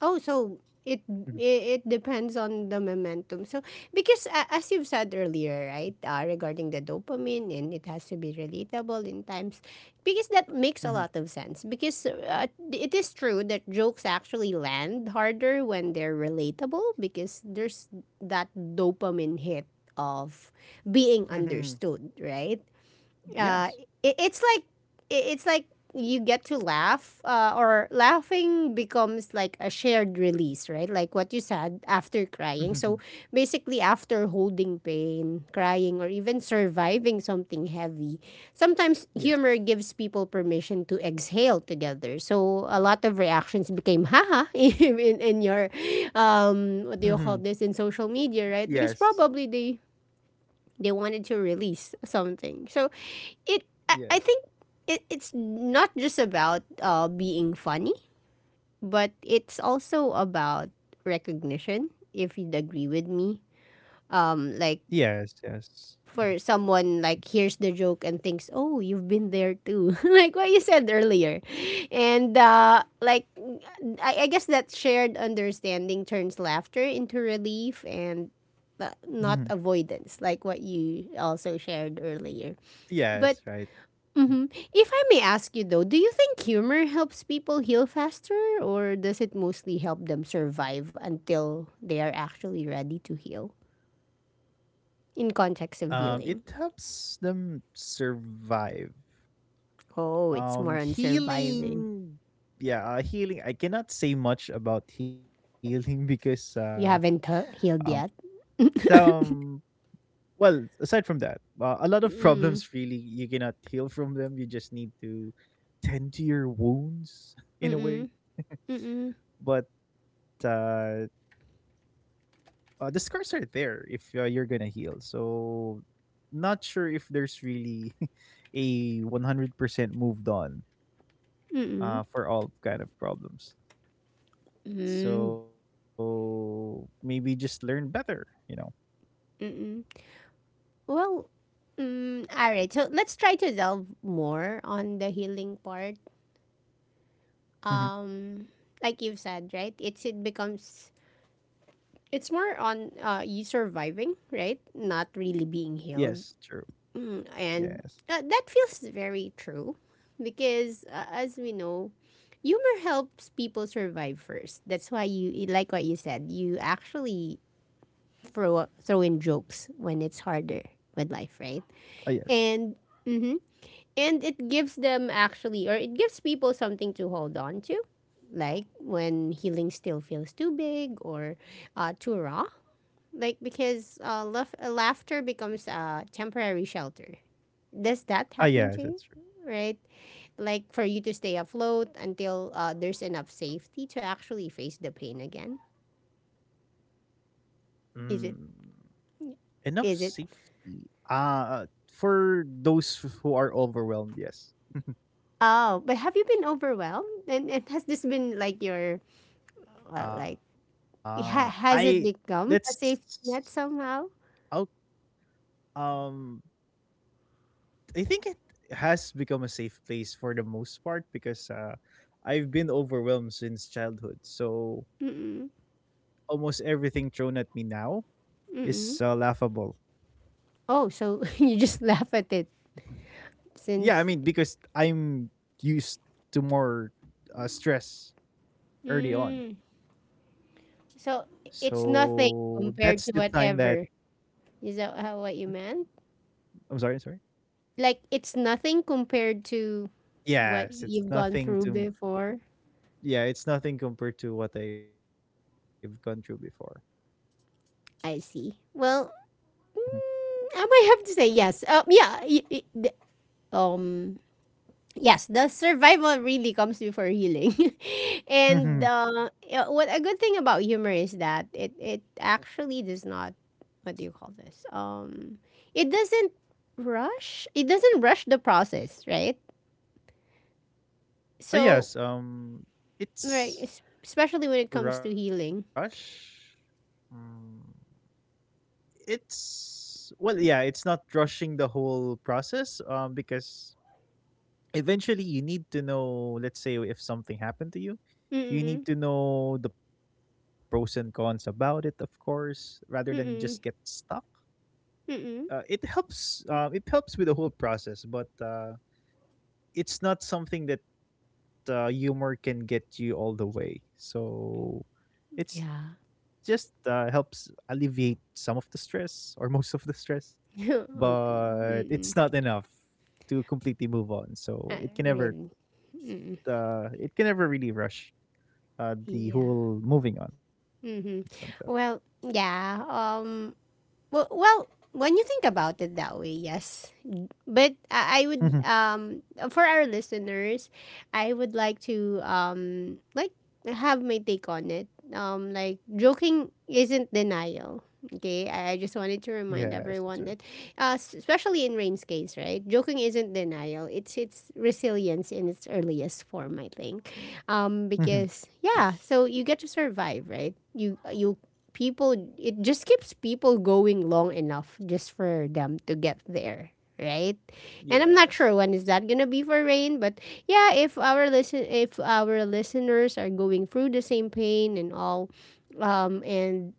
S1: Oh, so
S2: Mhm,
S1: it it depends on the momentum. So because as you've said earlier, right, regarding the dopamine, and it has to be relatable in times, because that
S2: mhm,
S1: makes a lot of sense, because it is true that jokes actually land harder when they're relatable, because there's that dopamine hit of being
S2: mhm,
S1: understood, right?
S2: yes.
S1: uh, it, it's like it's like you get to laugh, or laughing becomes like a shared release, right? Like what you said after
S2: Mhm,
S1: crying. So basically, after holding pain, crying, or even surviving something heavy, sometimes
S2: yes.
S1: humor gives people permission to exhale together. So a lot of reactions became haha, in your,
S2: Mhm,
S1: what do you call this, in social media,
S2: yes.
S1: right? Because probably they wanted to release something, so it,
S2: Yes.
S1: I think it's not just about being funny, but it's also about recognition, if you'd agree with me. Like,
S2: Yes. Yes. Mhm,
S1: for someone like hears the joke and thinks, oh, you've been there too, like what you said earlier. And like, I guess that shared understanding turns laughter into relief and
S2: mhm,
S1: not avoidance, like what you also shared earlier,
S2: yes.
S1: but
S2: Right.
S1: mhm. If I may ask you though, do you think humor helps people heal faster, or does it mostly help them survive until they are actually ready to heal? In context of
S2: It
S1: healing.
S2: helps them survive.
S1: Oh, it's more on surviving.
S2: Healing, yeah, healing I cannot say much about healing because
S1: You haven't
S2: um
S1: healed yet?
S2: some well aside from that a lot of problems
S1: Mm-mm.
S2: really you cannot heal from them, you just need to tend to your wounds in a way.
S1: Mm-mm. Mm-mm.
S2: But the scars are there if you're gonna heal, so not sure if there's really a 100% moved on
S1: Mm-mm.
S2: for all kind of problems.
S1: Mm.
S2: So maybe just learn better, you know.
S1: Well, all right. So let's try to delve more on the healing part.
S2: Hmm.
S1: Um, like you've said, right? It's it becomes It's more on, you surviving, right? Not really being
S2: Yes, true.
S1: healed. Mm.
S2: Yes.
S1: And that feels very true because, as we know, humor helps people survive first. That's why, you, like what you said, you actually throw in jokes when it's harder with life, right?
S2: Ah, yes.
S1: And. Mm-hmm. And it gives them actually, or it gives people, something to hold on to. Like when healing still feels too big, or too raw, like because laughter becomes a temporary shelter. Does
S2: Ah,
S1: that
S2: yes,
S1: happen to
S2: that's
S1: you?
S2: true.
S1: Right? Like for you to stay afloat until there's enough safety to actually face the pain again.
S2: Mm,
S1: Is it?
S2: enough
S1: Is it?
S2: safety. For those who are overwhelmed, yes.
S1: Oh, but have you been overwhelmed? And has this been like your, like,
S2: I
S1: has it
S2: let's
S1: become a safety net somehow?
S2: oh um I think it has become a safe place for the most part because I've been overwhelmed since childhood. So
S1: Mm-mm,
S2: almost everything thrown at me now is
S1: mm-mm.
S2: laughable.
S1: Oh, so you just laugh at it
S2: Yeah, I mean
S1: since.
S2: because I'm used to more stress early on.
S1: Mm. So it's
S2: So
S1: nothing
S2: that's the
S1: compared
S2: time
S1: to
S2: that
S1: whatever. Is that how what you meant?
S2: I'm sorry, sorry.
S1: Like it's nothing compared to what
S2: Yes, it's
S1: you've gone
S2: nothing
S1: through
S2: to
S1: before.
S2: yeah, it's nothing compared to what I've gone through before.
S1: I see. Well, I might have to say yes. Yeah. Um. Yes, the survival really comes before healing, and
S2: Hmm.
S1: yeah, what a good thing about humor is that it actually does not. What do you call this? It doesn't rush. It doesn't rush the process, right?
S2: Oh yes,
S1: So. Right,
S2: it's
S1: especially when it comes to
S2: rush.
S1: healing.
S2: Mm, it's well, yeah, it's not rushing the whole process because eventually you need to know, let's say if something happened to you, you need
S1: Mm-mm.
S2: to know the pros and cons about it of course, rather than just get
S1: Mm-mm.
S2: stuck.
S1: Mm-mm.
S2: It helps with the whole process, but it's not something that humor can get you all the way. So it's just
S1: Yeah.
S2: helps alleviate some of the stress or most of the stress,
S1: Okay.
S2: but it's not
S1: Mm-mm.
S2: enough to completely move on. So
S1: Uh, really. Mm-mm.
S2: it can never really rush the
S1: Yeah.
S2: whole moving on concept.
S1: Mm-hmm. Well, yeah. Well, when you think about it that way, yes. But I
S2: Hmm.
S1: would, for our listeners, I would like to, like, have my take on it. Like, joking isn't denial. Okay, I just wanted to
S2: Yes, it's
S1: remind
S2: true.
S1: everyone that, especially in Rain's case, right? Joking isn't denial; it's resilience in its earliest form, I think.
S2: Hmm.
S1: Because
S2: True.
S1: yeah, so you get to survive, right? You people, it just keeps people going long enough, just for them to get there, right? And I'm
S2: Yes.
S1: not sure when is that gonna be for Rain, but yeah, if our listen if our listeners are going through the same pain and all, and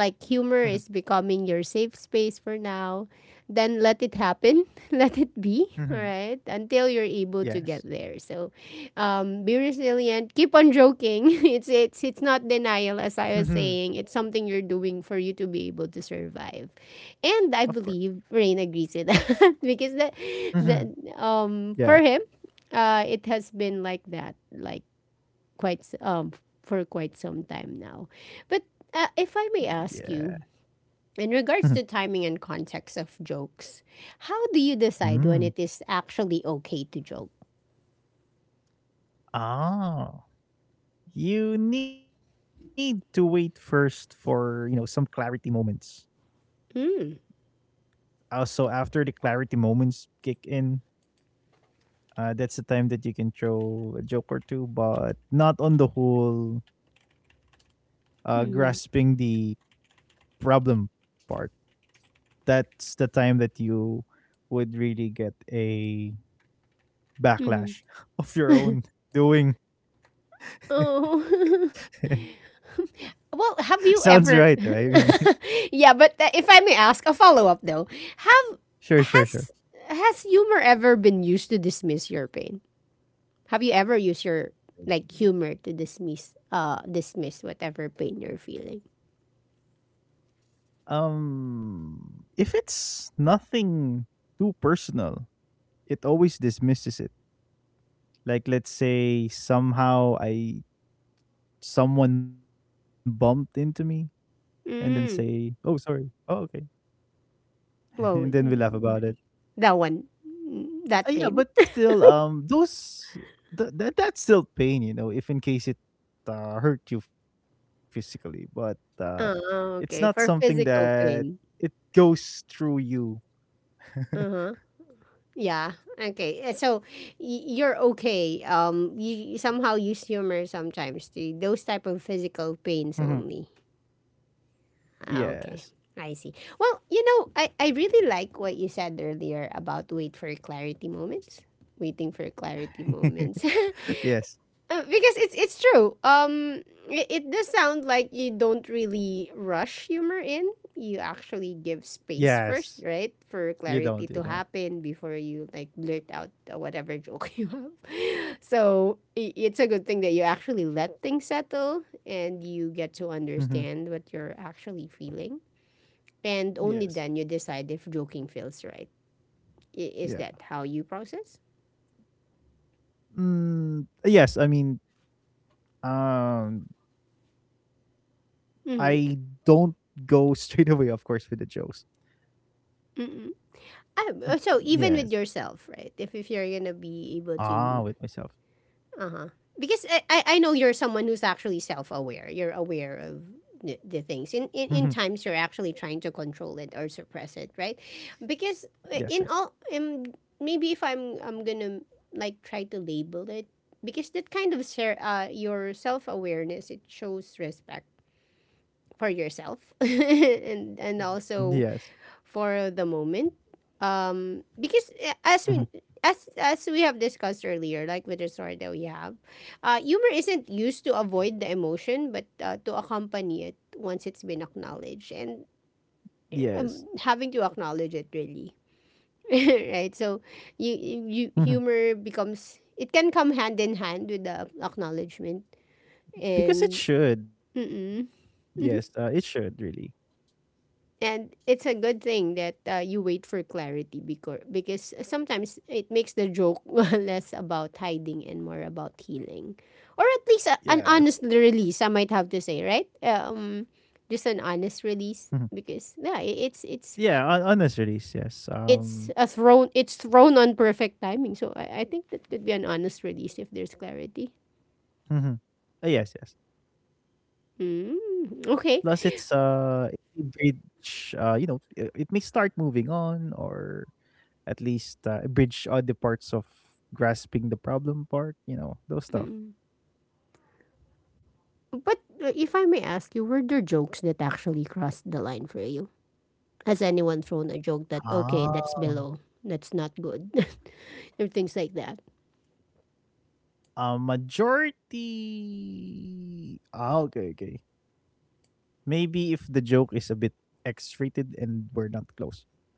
S2: Hmm.
S1: humor is becoming your safe space for now, then let it happen. Let it be, all
S2: Hmm.
S1: right? Until you're able to get
S2: Yes.
S1: there. So, be resilient. Keep on joking. It's not denial,
S2: Hmm.
S1: as I was saying. It's something you're doing for you to be able to survive.
S2: Of
S1: And I
S2: course.
S1: believe Rain agrees with that, because that
S2: Hmm.
S1: that
S2: Yeah.
S1: for him, it has been like that, like, quite s- um for quite some time now. But if I
S2: Yeah.
S1: may ask you, in
S2: Hmm.
S1: regards to timing and context of jokes, how do you decide
S2: Mm.
S1: when it is actually okay to joke?
S2: Ah, you need to wait first for, you know, some clarity moments.
S1: Mm.
S2: Also, after the clarity moments kick in, that's the time that you can throw a joke or two, but not on the whole grasping
S1: Mm.
S2: the problem part. That's the time that you would really get a
S1: Hmm.
S2: backlash of your own doing.
S1: Oh. Well, have you
S2: Sounds
S1: ever.
S2: right, right? I mean,
S1: Yeah, but if I may ask a follow-up though, have
S2: sure,
S1: has
S2: sure, sure.
S1: has humor ever been used to dismiss your pain? Have you ever used your, like, humor to dismiss whatever pain you're feeling?
S2: If it's nothing too personal, it always dismisses it. Like, let's say somehow I someone bumped into me and then say,
S1: Mm.
S2: "Oh, sorry." Oh, okay. And then
S1: Whoa,
S2: we laugh about it.
S1: that one, that
S2: Yeah, but
S1: pain.
S2: still, that that's still pain, you know, if in case it hurt you physically, but it's not
S1: Oh,
S2: something
S1: okay. For
S2: that
S1: physical
S2: it
S1: pain.
S2: goes through you.
S1: Uh-huh. Yeah. Okay. So you're okay. You somehow use humor sometimes to those type of
S2: Mhm.
S1: physical pains only.
S2: Yes,
S1: Ah, okay. I see. Well, I really like what you said earlier about wait for clarity moments. Waiting for clarity moments.
S2: yes,
S1: Because it's true. It does sound like you don't really rush humor in. You actually give space
S2: yes.
S1: first, right,
S2: You
S1: for
S2: don't, you
S1: clarity
S2: don't.
S1: to happen before you like blurt out, whatever joke you have. So it's a good thing that you actually let things settle and you
S2: Hmm.
S1: get to understand what you're actually feeling, and
S2: Yes,
S1: only then you decide if joking feels right.
S2: yeah,
S1: Is that how you process?
S2: mm, yes. Um, I don't
S1: Mm-hmm.
S2: go straight away, of course, with the jokes. Mm.
S1: Ah, so
S2: Yes.
S1: even with yourself, right? If you're gonna be able
S2: Ah, with
S1: to,
S2: myself.
S1: uh huh. Because I know you're someone who's actually self aware. You're aware of the
S2: Mhm.
S1: things. In times you're actually trying to control it or suppress it, right? Because
S2: Yes, yes.
S1: in all, maybe if I'm gonna, like, try to label it, because that kind of your self awareness, it shows respect for yourself
S2: Mhm.
S1: and
S2: Yes.
S1: also for the moment. Because
S2: Mhm.
S1: as we have discussed earlier, like with the story that we have, humor isn't used to avoid the emotion, but to accompany it once it's been acknowledged, and
S2: Yes.
S1: having to acknowledge it really, right? So you,
S2: Mhm.
S1: you humor becomes it can come hand in hand with the acknowledgement
S2: Because it
S1: and
S2: should.
S1: mm-mm.
S2: Yes, it
S1: Mm-hmm.
S2: should really.
S1: And it's a good thing that, you wait for clarity, because sometimes it makes the joke less about hiding and more about healing, or at least an
S2: Yes.
S1: honest release. I might have to say, right? Just an honest
S2: Mhm.
S1: release, because yeah,
S2: Yeah, on this release, yes.
S1: it's thrown on perfect timing. So I think that could be an honest release if there's clarity.
S2: Mhm. Yes, yes.
S1: Mm,
S2: Plus it's
S1: okay.
S2: uh it bridge it may start moving on, or at least bridge all the parts of grasping the problem part, you know, those stuff.
S1: Mm. But if I may ask you, were there jokes that actually crossed the line for you? Has anyone thrown a joke that,
S2: Ah.
S1: okay, that's below, that's not good, or things like that?
S2: A majority ah, okay, okay. Maybe if the joke is a bit X-rated and we're not close.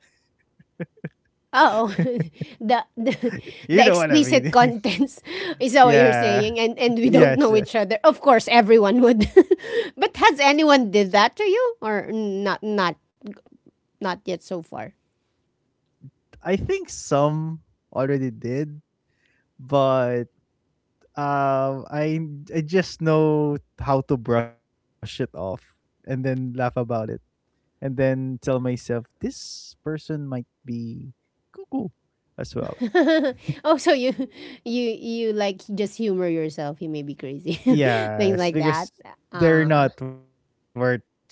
S1: Oh, the, the the
S2: You know
S1: explicit
S2: what I mean?
S1: contents is that what you're saying, and
S2: Yeah.
S1: and we don't know each
S2: Yes.
S1: other? Of course, everyone would, but has anyone did that to you or not? Not yet so far.
S2: I think some already did, but um I I just know how to brush it off and then laugh about it and then tell myself this person might be cuckoo as well.
S1: Oh, so you like just humor yourself. You may be crazy, things
S2: Yes,
S1: like that.
S2: because they're
S1: Uh
S2: not worth your time.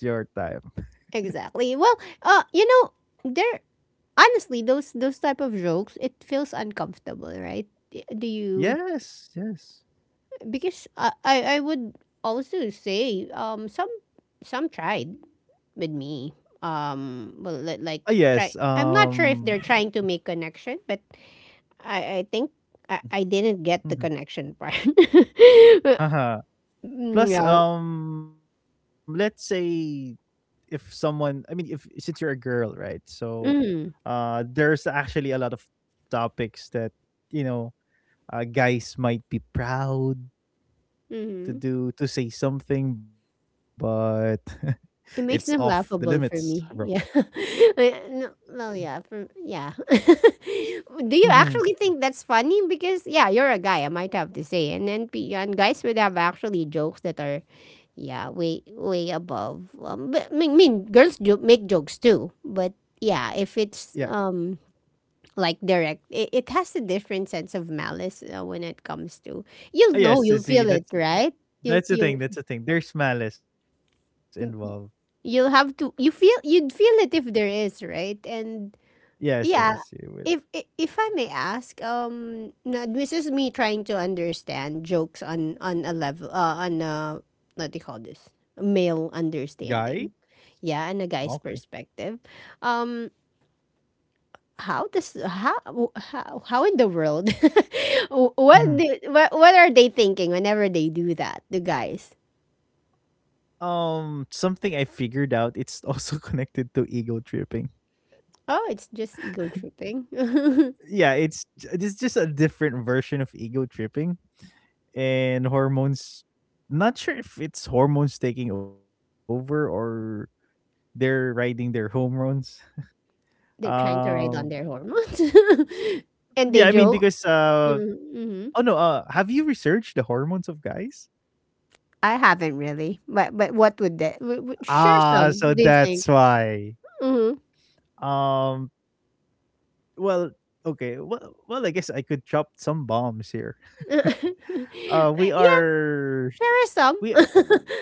S1: exactly. Well, uh, you know there, honestly, those type of jokes, it feels uncomfortable, right? Do you?
S2: Yes, yes.
S1: Because I would also say, some tried with me, well,
S2: Ah,
S1: like,
S2: yes.
S1: try I'm not sure if they're trying to make connection, but I think I didn't get the
S2: Mhm.
S1: connection part.
S2: Haha. Plus,
S1: Yeah.
S2: let's say if someone, I mean, if since you're a girl, right? So,
S1: Mm-hmm.
S2: there's actually a lot of topics that you know, guys might be proud to
S1: Mm-hmm.
S2: do to say something, but it's off
S1: It
S2: the
S1: makes them
S2: limits,
S1: laughable
S2: bro.
S1: for me. Yeah. No, well, yeah. For, yeah. Do you
S2: Mm-hmm.
S1: actually think that's funny? Because, yeah, you're a guy, I might have to say. And guys would have actually jokes that are, yeah, way, way above. But, I mean, girls make jokes too. But, yeah, if
S2: Yeah.
S1: it's like, direct, it has a different sense of malice when it comes to. You'll know,
S2: Yes, you
S1: you'll
S2: see,
S1: feel it,
S2: that's
S1: right? You,
S2: that's the
S1: you
S2: thing, that's the thing. There's malice involved.
S1: you'll have to you'd feel it if there is, right? And
S2: Yes, yes,
S1: yeah,
S2: you would.
S1: if I may ask, no, this is me trying to understand jokes on a level, on a, what do you call this, male
S2: Guy?
S1: understanding? Yeah, and a
S2: Okay.
S1: guy's perspective. um how does how, how in the world, wh- what,
S2: hmm
S1: do, what are they thinking whenever they do that, the guys?
S2: Something I figured out. It's also connected to ego tripping.
S1: Oh, it's just ego tripping.
S2: Yeah, it's just a different version of ego tripping and hormones. Not sure if it's hormones taking over, or they're riding their hormones.
S1: They're trying to
S2: Um,
S1: ride on their hormones. And
S2: yeah, I
S1: they
S2: mean
S1: joke.
S2: because
S1: Mm-hmm.
S2: oh no, have you researched the hormones of guys?
S1: I haven't really. But what would that?
S2: Ah, so
S1: Share
S2: that's
S1: some, do you
S2: why.
S1: think? Mm-hmm.
S2: Um well, okay. Well, I guess I could drop some bombs here. We
S1: Yeah,
S2: are
S1: share us some.
S2: we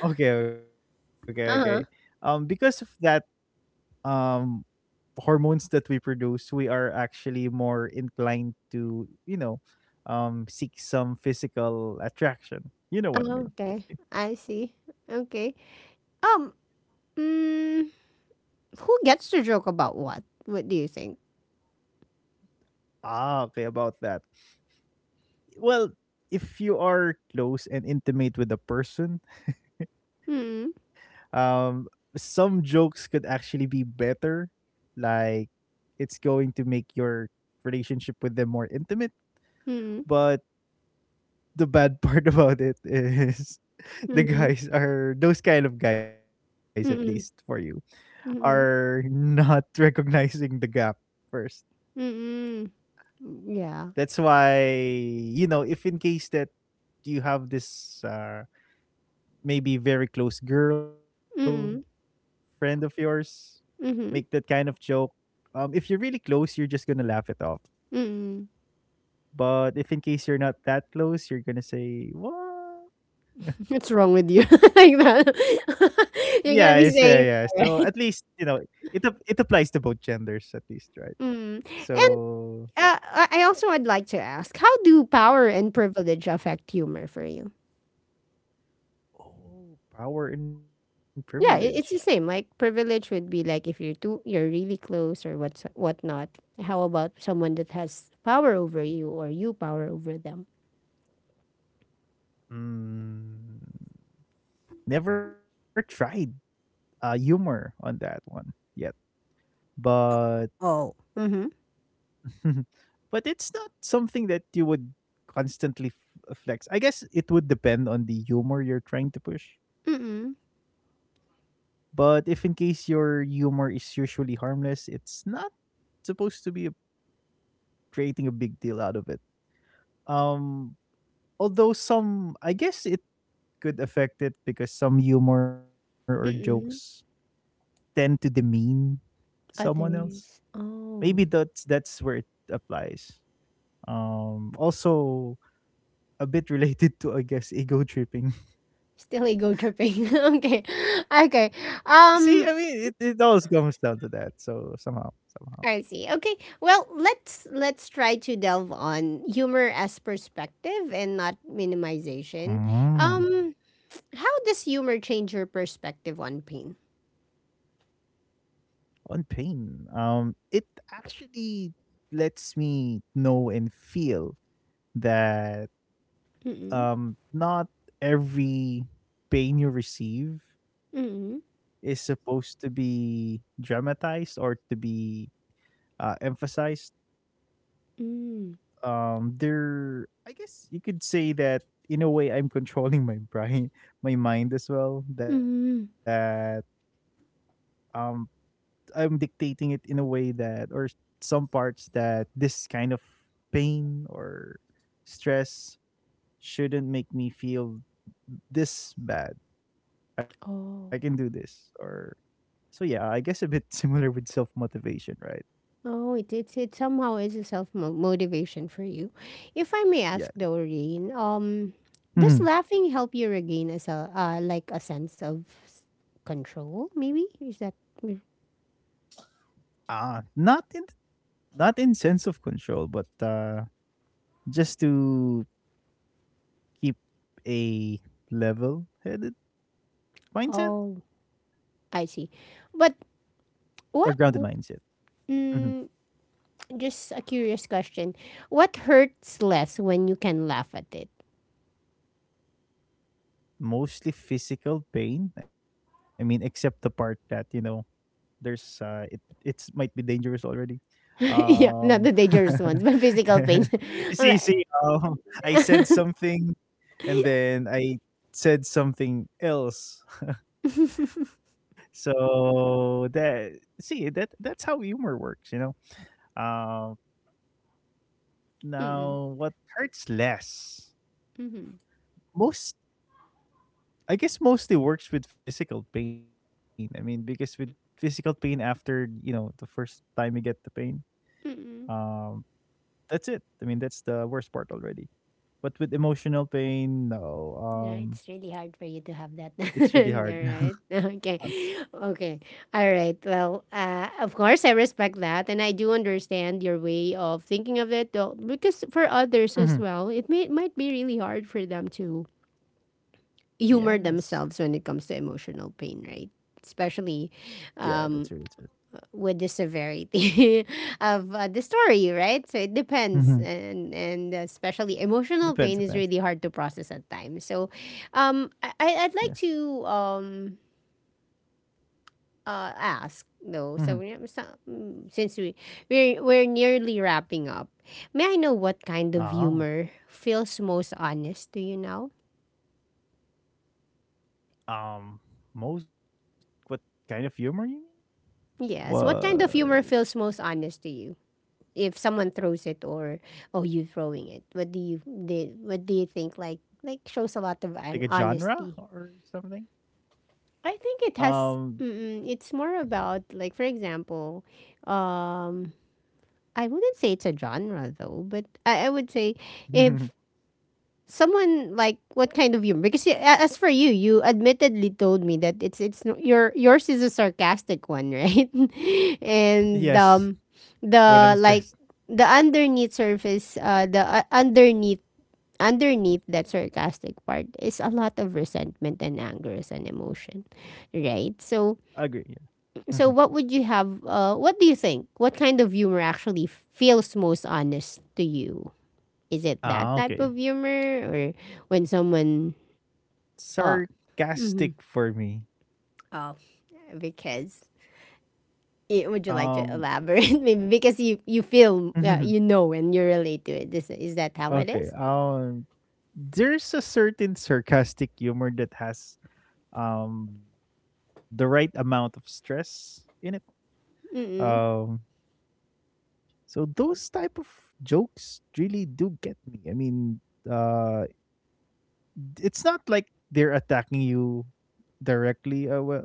S2: okay, okay, okay.
S1: Uh-huh.
S2: Because of that um hormones that we produce, we are actually more inclined to, you know, seek some physical attraction. You know what I
S1: Oh,
S2: mean?
S1: okay. I see. Okay. Um, mm, who gets to joke about what? What do you think?
S2: Ah, okay, about that. Well, if you are close and intimate with a person,
S1: Mm-hmm.
S2: um some jokes could actually be better, like, it's going to make your relationship with them more intimate,
S1: Mm-hmm.
S2: but the bad part about it is the
S1: Mm-hmm.
S2: guys are those kind of guys, at least for you,
S1: Mm-hmm.
S2: are
S1: Mm-hmm.
S2: not recognizing the gap first.
S1: Mm-hmm. Yeah.
S2: That's why you know, if in case that you have this maybe very close girl
S1: Mm-hmm.
S2: friend of yours make that
S1: Mm-hmm.
S2: kind of joke. If you're really close, you're just gonna laugh it off.
S1: Mm-hmm.
S2: But if in case you're not that close, you're gonna say what?
S1: What's wrong with you? Like
S2: Yeah, it's, yeah,
S1: that.
S2: yeah.
S1: You're gonna
S2: So at
S1: be
S2: least
S1: saying
S2: you
S1: that,
S2: know
S1: right?
S2: it it applies to both genders at least, right?
S1: Mm. And
S2: So
S1: I also would like to ask, how do power and privilege affect humor for you?
S2: oh, power and privilege.
S1: Yeah, it's the same. Like privilege would be like if you're too, you're really close or what's whatnot. How about someone that has power over you or you power over them?
S2: Mm, never tried humor on that one yet, but
S1: Oh. Mm-hmm.
S2: but it's not something that you would constantly flex. I guess it would depend on the humor you're trying to push.
S1: Mm-mm.
S2: But if in case your humor is usually harmless, it's not supposed to be a, creating a big deal out of it. Um, although some, I guess it could affect it, because some humor or jokes
S1: Mm-mm.
S2: tend to demean someone else.
S1: Others.
S2: Maybe
S1: Oh.
S2: that's where it applies. Also a bit related to, I guess, ego tripping.
S1: Still ego tripping. Okay. Okay.
S2: See, I mean, it
S1: Um
S2: always comes down to that. So somehow, somehow.
S1: I see. Okay. Well, let's try to delve on humor as perspective and not minimization.
S2: Mm.
S1: Um, how does humor change your perspective on pain?
S2: On pain, it actually lets me know and feel that
S1: Mm-mm.
S2: not every pain you receive is
S1: Mm-mm.
S2: supposed to be dramatized or to be emphasized.
S1: Mm.
S2: There, I guess you could say that in a way, I'm controlling my brain, my mind as well. That
S1: Mm.
S2: um I'm dictating it in a way that, or some parts that this kind of pain or stress shouldn't make me feel this bad. I can do this.
S1: Oh.
S2: Or, so yeah, I guess a bit similar with self motivation, right?
S1: Oh, it's, it somehow is a self motivation for you. If I may
S2: Yeah.
S1: ask, Doreen, does
S2: Mhm.
S1: laughing help you regain like a sense of s- control? Maybe is that?
S2: Ah, not in sense of control, but just to keep a level headed mindset,
S1: Oh, I see. But
S2: or grounded
S1: what?
S2: mindset.
S1: Mm, just a curious question. What hurts less when you can laugh at it?
S2: Mostly physical pain. I mean, except the part that you know there's it it's might be dangerous already.
S1: Yeah,
S2: Um,
S1: not the dangerous ones, but physical pain.
S2: you see, see,
S1: Like,
S2: I said something, and then I said something else. So that see, that that's how humor works, you know. Um,
S1: mm-mm,
S2: now what hurts less?
S1: mm-mm,
S2: Most, I guess, mostly works with physical pain. I mean, because with physical pain after, you know, the first time you get the pain,
S1: mm-mm.
S2: um, that's it. I mean, that's the worst part already. But with emotional pain, no.
S1: Yeah,
S2: Um,
S1: it's really hard for you to have that. All
S2: it's really hard.
S1: right. Okay. Okay. All right. Well, of course, I respect that. And I do understand your way of thinking of it, though, because for others as
S2: Mhm.
S1: well, might be really hard for them to humor themselves
S2: Yes.
S1: when it comes to emotional pain, right? Especially
S2: Yeah, that's really
S1: um,
S2: true.
S1: with the severity of the story, right? So it
S2: That's it.
S1: depends, and especially emotional
S2: Depends,
S1: pain is
S2: depends.
S1: really hard to process at times. So, I'd like
S2: Yes.
S1: to ask
S2: Hmm.
S1: though. So, since we're nearly wrapping up, may I know what kind of
S2: Oh.
S1: humor feels most honest to you now?
S2: Um, most, what kind of humor you mean?
S1: Yes, what kind of
S2: What,
S1: humor feels most honest to you? If someone throws it, or oh, you throwing it, what do you did, what do you think, like shows a lot of an
S2: like a
S1: honesty?
S2: genre or something?
S1: I think it
S2: Um,
S1: has, it's more about like, for example, um I wouldn't say it's a genre, I would say if someone, like, what kind of humor? Because you, as for you, you admittedly told me that it's no, your yours is a sarcastic one, right? And
S2: yes. When I'm
S1: the
S2: stressed.
S1: like, the underneath surface, the underneath underneath that sarcastic part is a lot of resentment and anger and emotion, right?
S2: Agree,
S1: so
S2: yeah. Mhm.
S1: so what would you have, what do you think, what kind of humor actually feels most honest to you? Is it that
S2: Ah,
S1: type of
S2: okay.
S1: humor, or when someone... Oh, hmm,
S2: Sarcastic for me.
S1: oh, because, would you like
S2: Um,
S1: to elaborate? Maybe because you feel, you know, and you relate to it. This is, that how it
S2: okay,
S1: is?
S2: there's a certain sarcastic humor that has, the right amount of stress in it. Um,
S1: Mm-mm.
S2: so those type of jokes really do get me. I mean, uh, it's not like they're attacking you directly, well,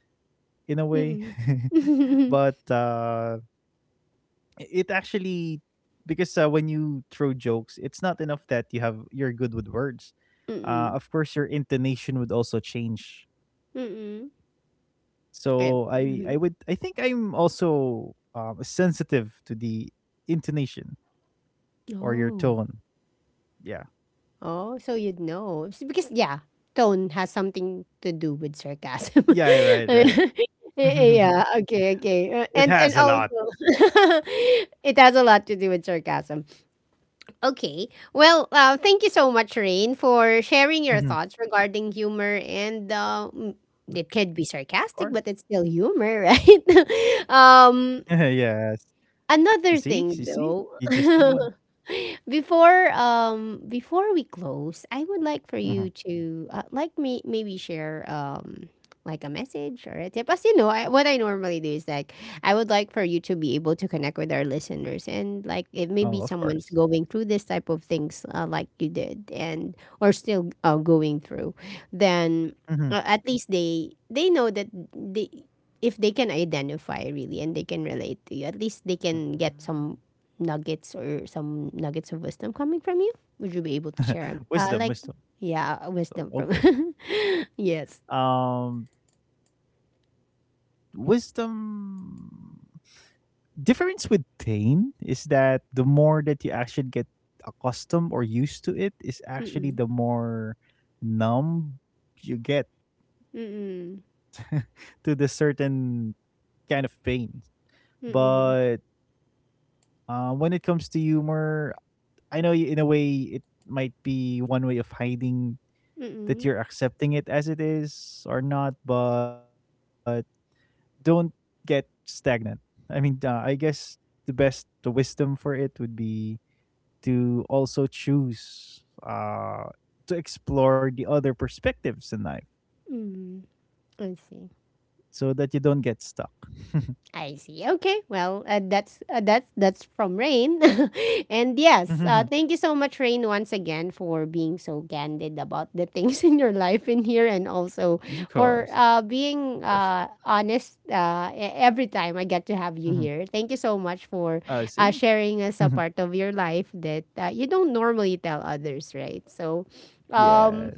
S2: in a way,
S1: Mm-mm.
S2: but,
S1: Mm-mm.
S2: it actually because when you throw jokes it's not enough that you're good with words.
S1: Mm-mm.
S2: Of course your intonation would also change,
S1: Mm-mm.
S2: so i
S1: Eh,
S2: i would i
S1: mhm.
S2: think I'm also sensitive to the intonation or your
S1: Oh,
S2: tone. Yeah,
S1: oh, so you'd know. It's because, yeah, tone has something to do with
S2: yeah.
S1: sarcasm.
S2: Right, right.
S1: Yeah. Okay.
S2: It
S1: Okay.
S2: has a lot.
S1: And also, it has a lot to do with sarcasm. Okay. Well, thank you so much, Rain, for sharing your
S2: Mhm.
S1: thoughts regarding humor. And it
S2: Of
S1: could
S2: course.
S1: be sarcastic, but it's still humor, right?
S2: Yes. You see,
S1: Another
S2: you
S1: thing,
S2: see, you
S1: though.
S2: just did one.
S1: Before before we close, I would like for
S2: Mhm.
S1: you to like me maybe share like a message or a tip. As you know, I, what I normally do is like, I would like for you to be able to connect with our listeners and like, if
S2: Oh, of
S1: maybe
S2: course.
S1: someone's going through this type of things, like you did, and or still going through, then
S2: hmm
S1: at least they know that they, if they can identify really and they can relate to you, at least they can get some nuggets or some nuggets of wisdom coming from you? Would you be able to share?
S2: Wisdom,
S1: Like,
S2: wisdom.
S1: yeah, wisdom from.
S2: Okay.
S1: Yes.
S2: Um, wisdom difference with pain is that the more that you actually get accustomed or used to it is actually the
S1: Mm-mm.
S2: more numb you get
S1: Mm-mm.
S2: to the certain kind of pain. But
S1: Mm-mm.
S2: when it comes to humor, I know in a way it might be one way of hiding that
S1: Mm-mm.
S2: you're accepting it as it is or not, but don't get stagnant. I mean, I guess the best, the wisdom for it would be to also choose to explore the other perspectives in life,
S1: Mm-mm. I see.
S2: so that you don't get stuck.
S1: I see. Okay. Well, that's that's from Rain, and
S2: Mhm.
S1: yes, thank you so much, Rain, once again for being so candid about the things in your life in here, and also
S2: Of
S1: for
S2: course, of course.
S1: being honest, every time I
S2: Mhm.
S1: get to have you here. Thank you so much
S2: I
S1: for
S2: see.
S1: sharing us a part of your life that you don't normally tell others, right? So,
S2: Yes.
S1: um,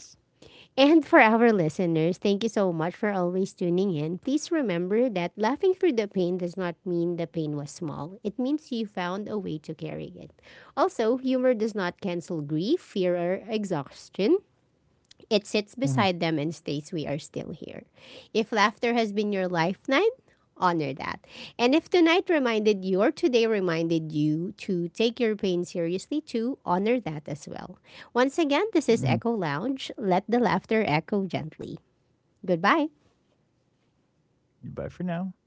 S1: and for our listeners, thank you so much for always tuning in. Please remember that laughing through the pain does not mean the pain was small. It means you found a way to carry it. Also, humor does not cancel grief, fear, or exhaustion. It sits
S2: Mhm.
S1: beside them and states, "We are still here." If laughter has been your lifeline, honor that. And if tonight reminded you, or today reminded you, to take your pain seriously, to honor that as well. Once again, this
S2: Mhm.
S1: is Echo Lounge. Let the laughter echo gently. Goodbye.
S2: Bye for now. Thanks for having us.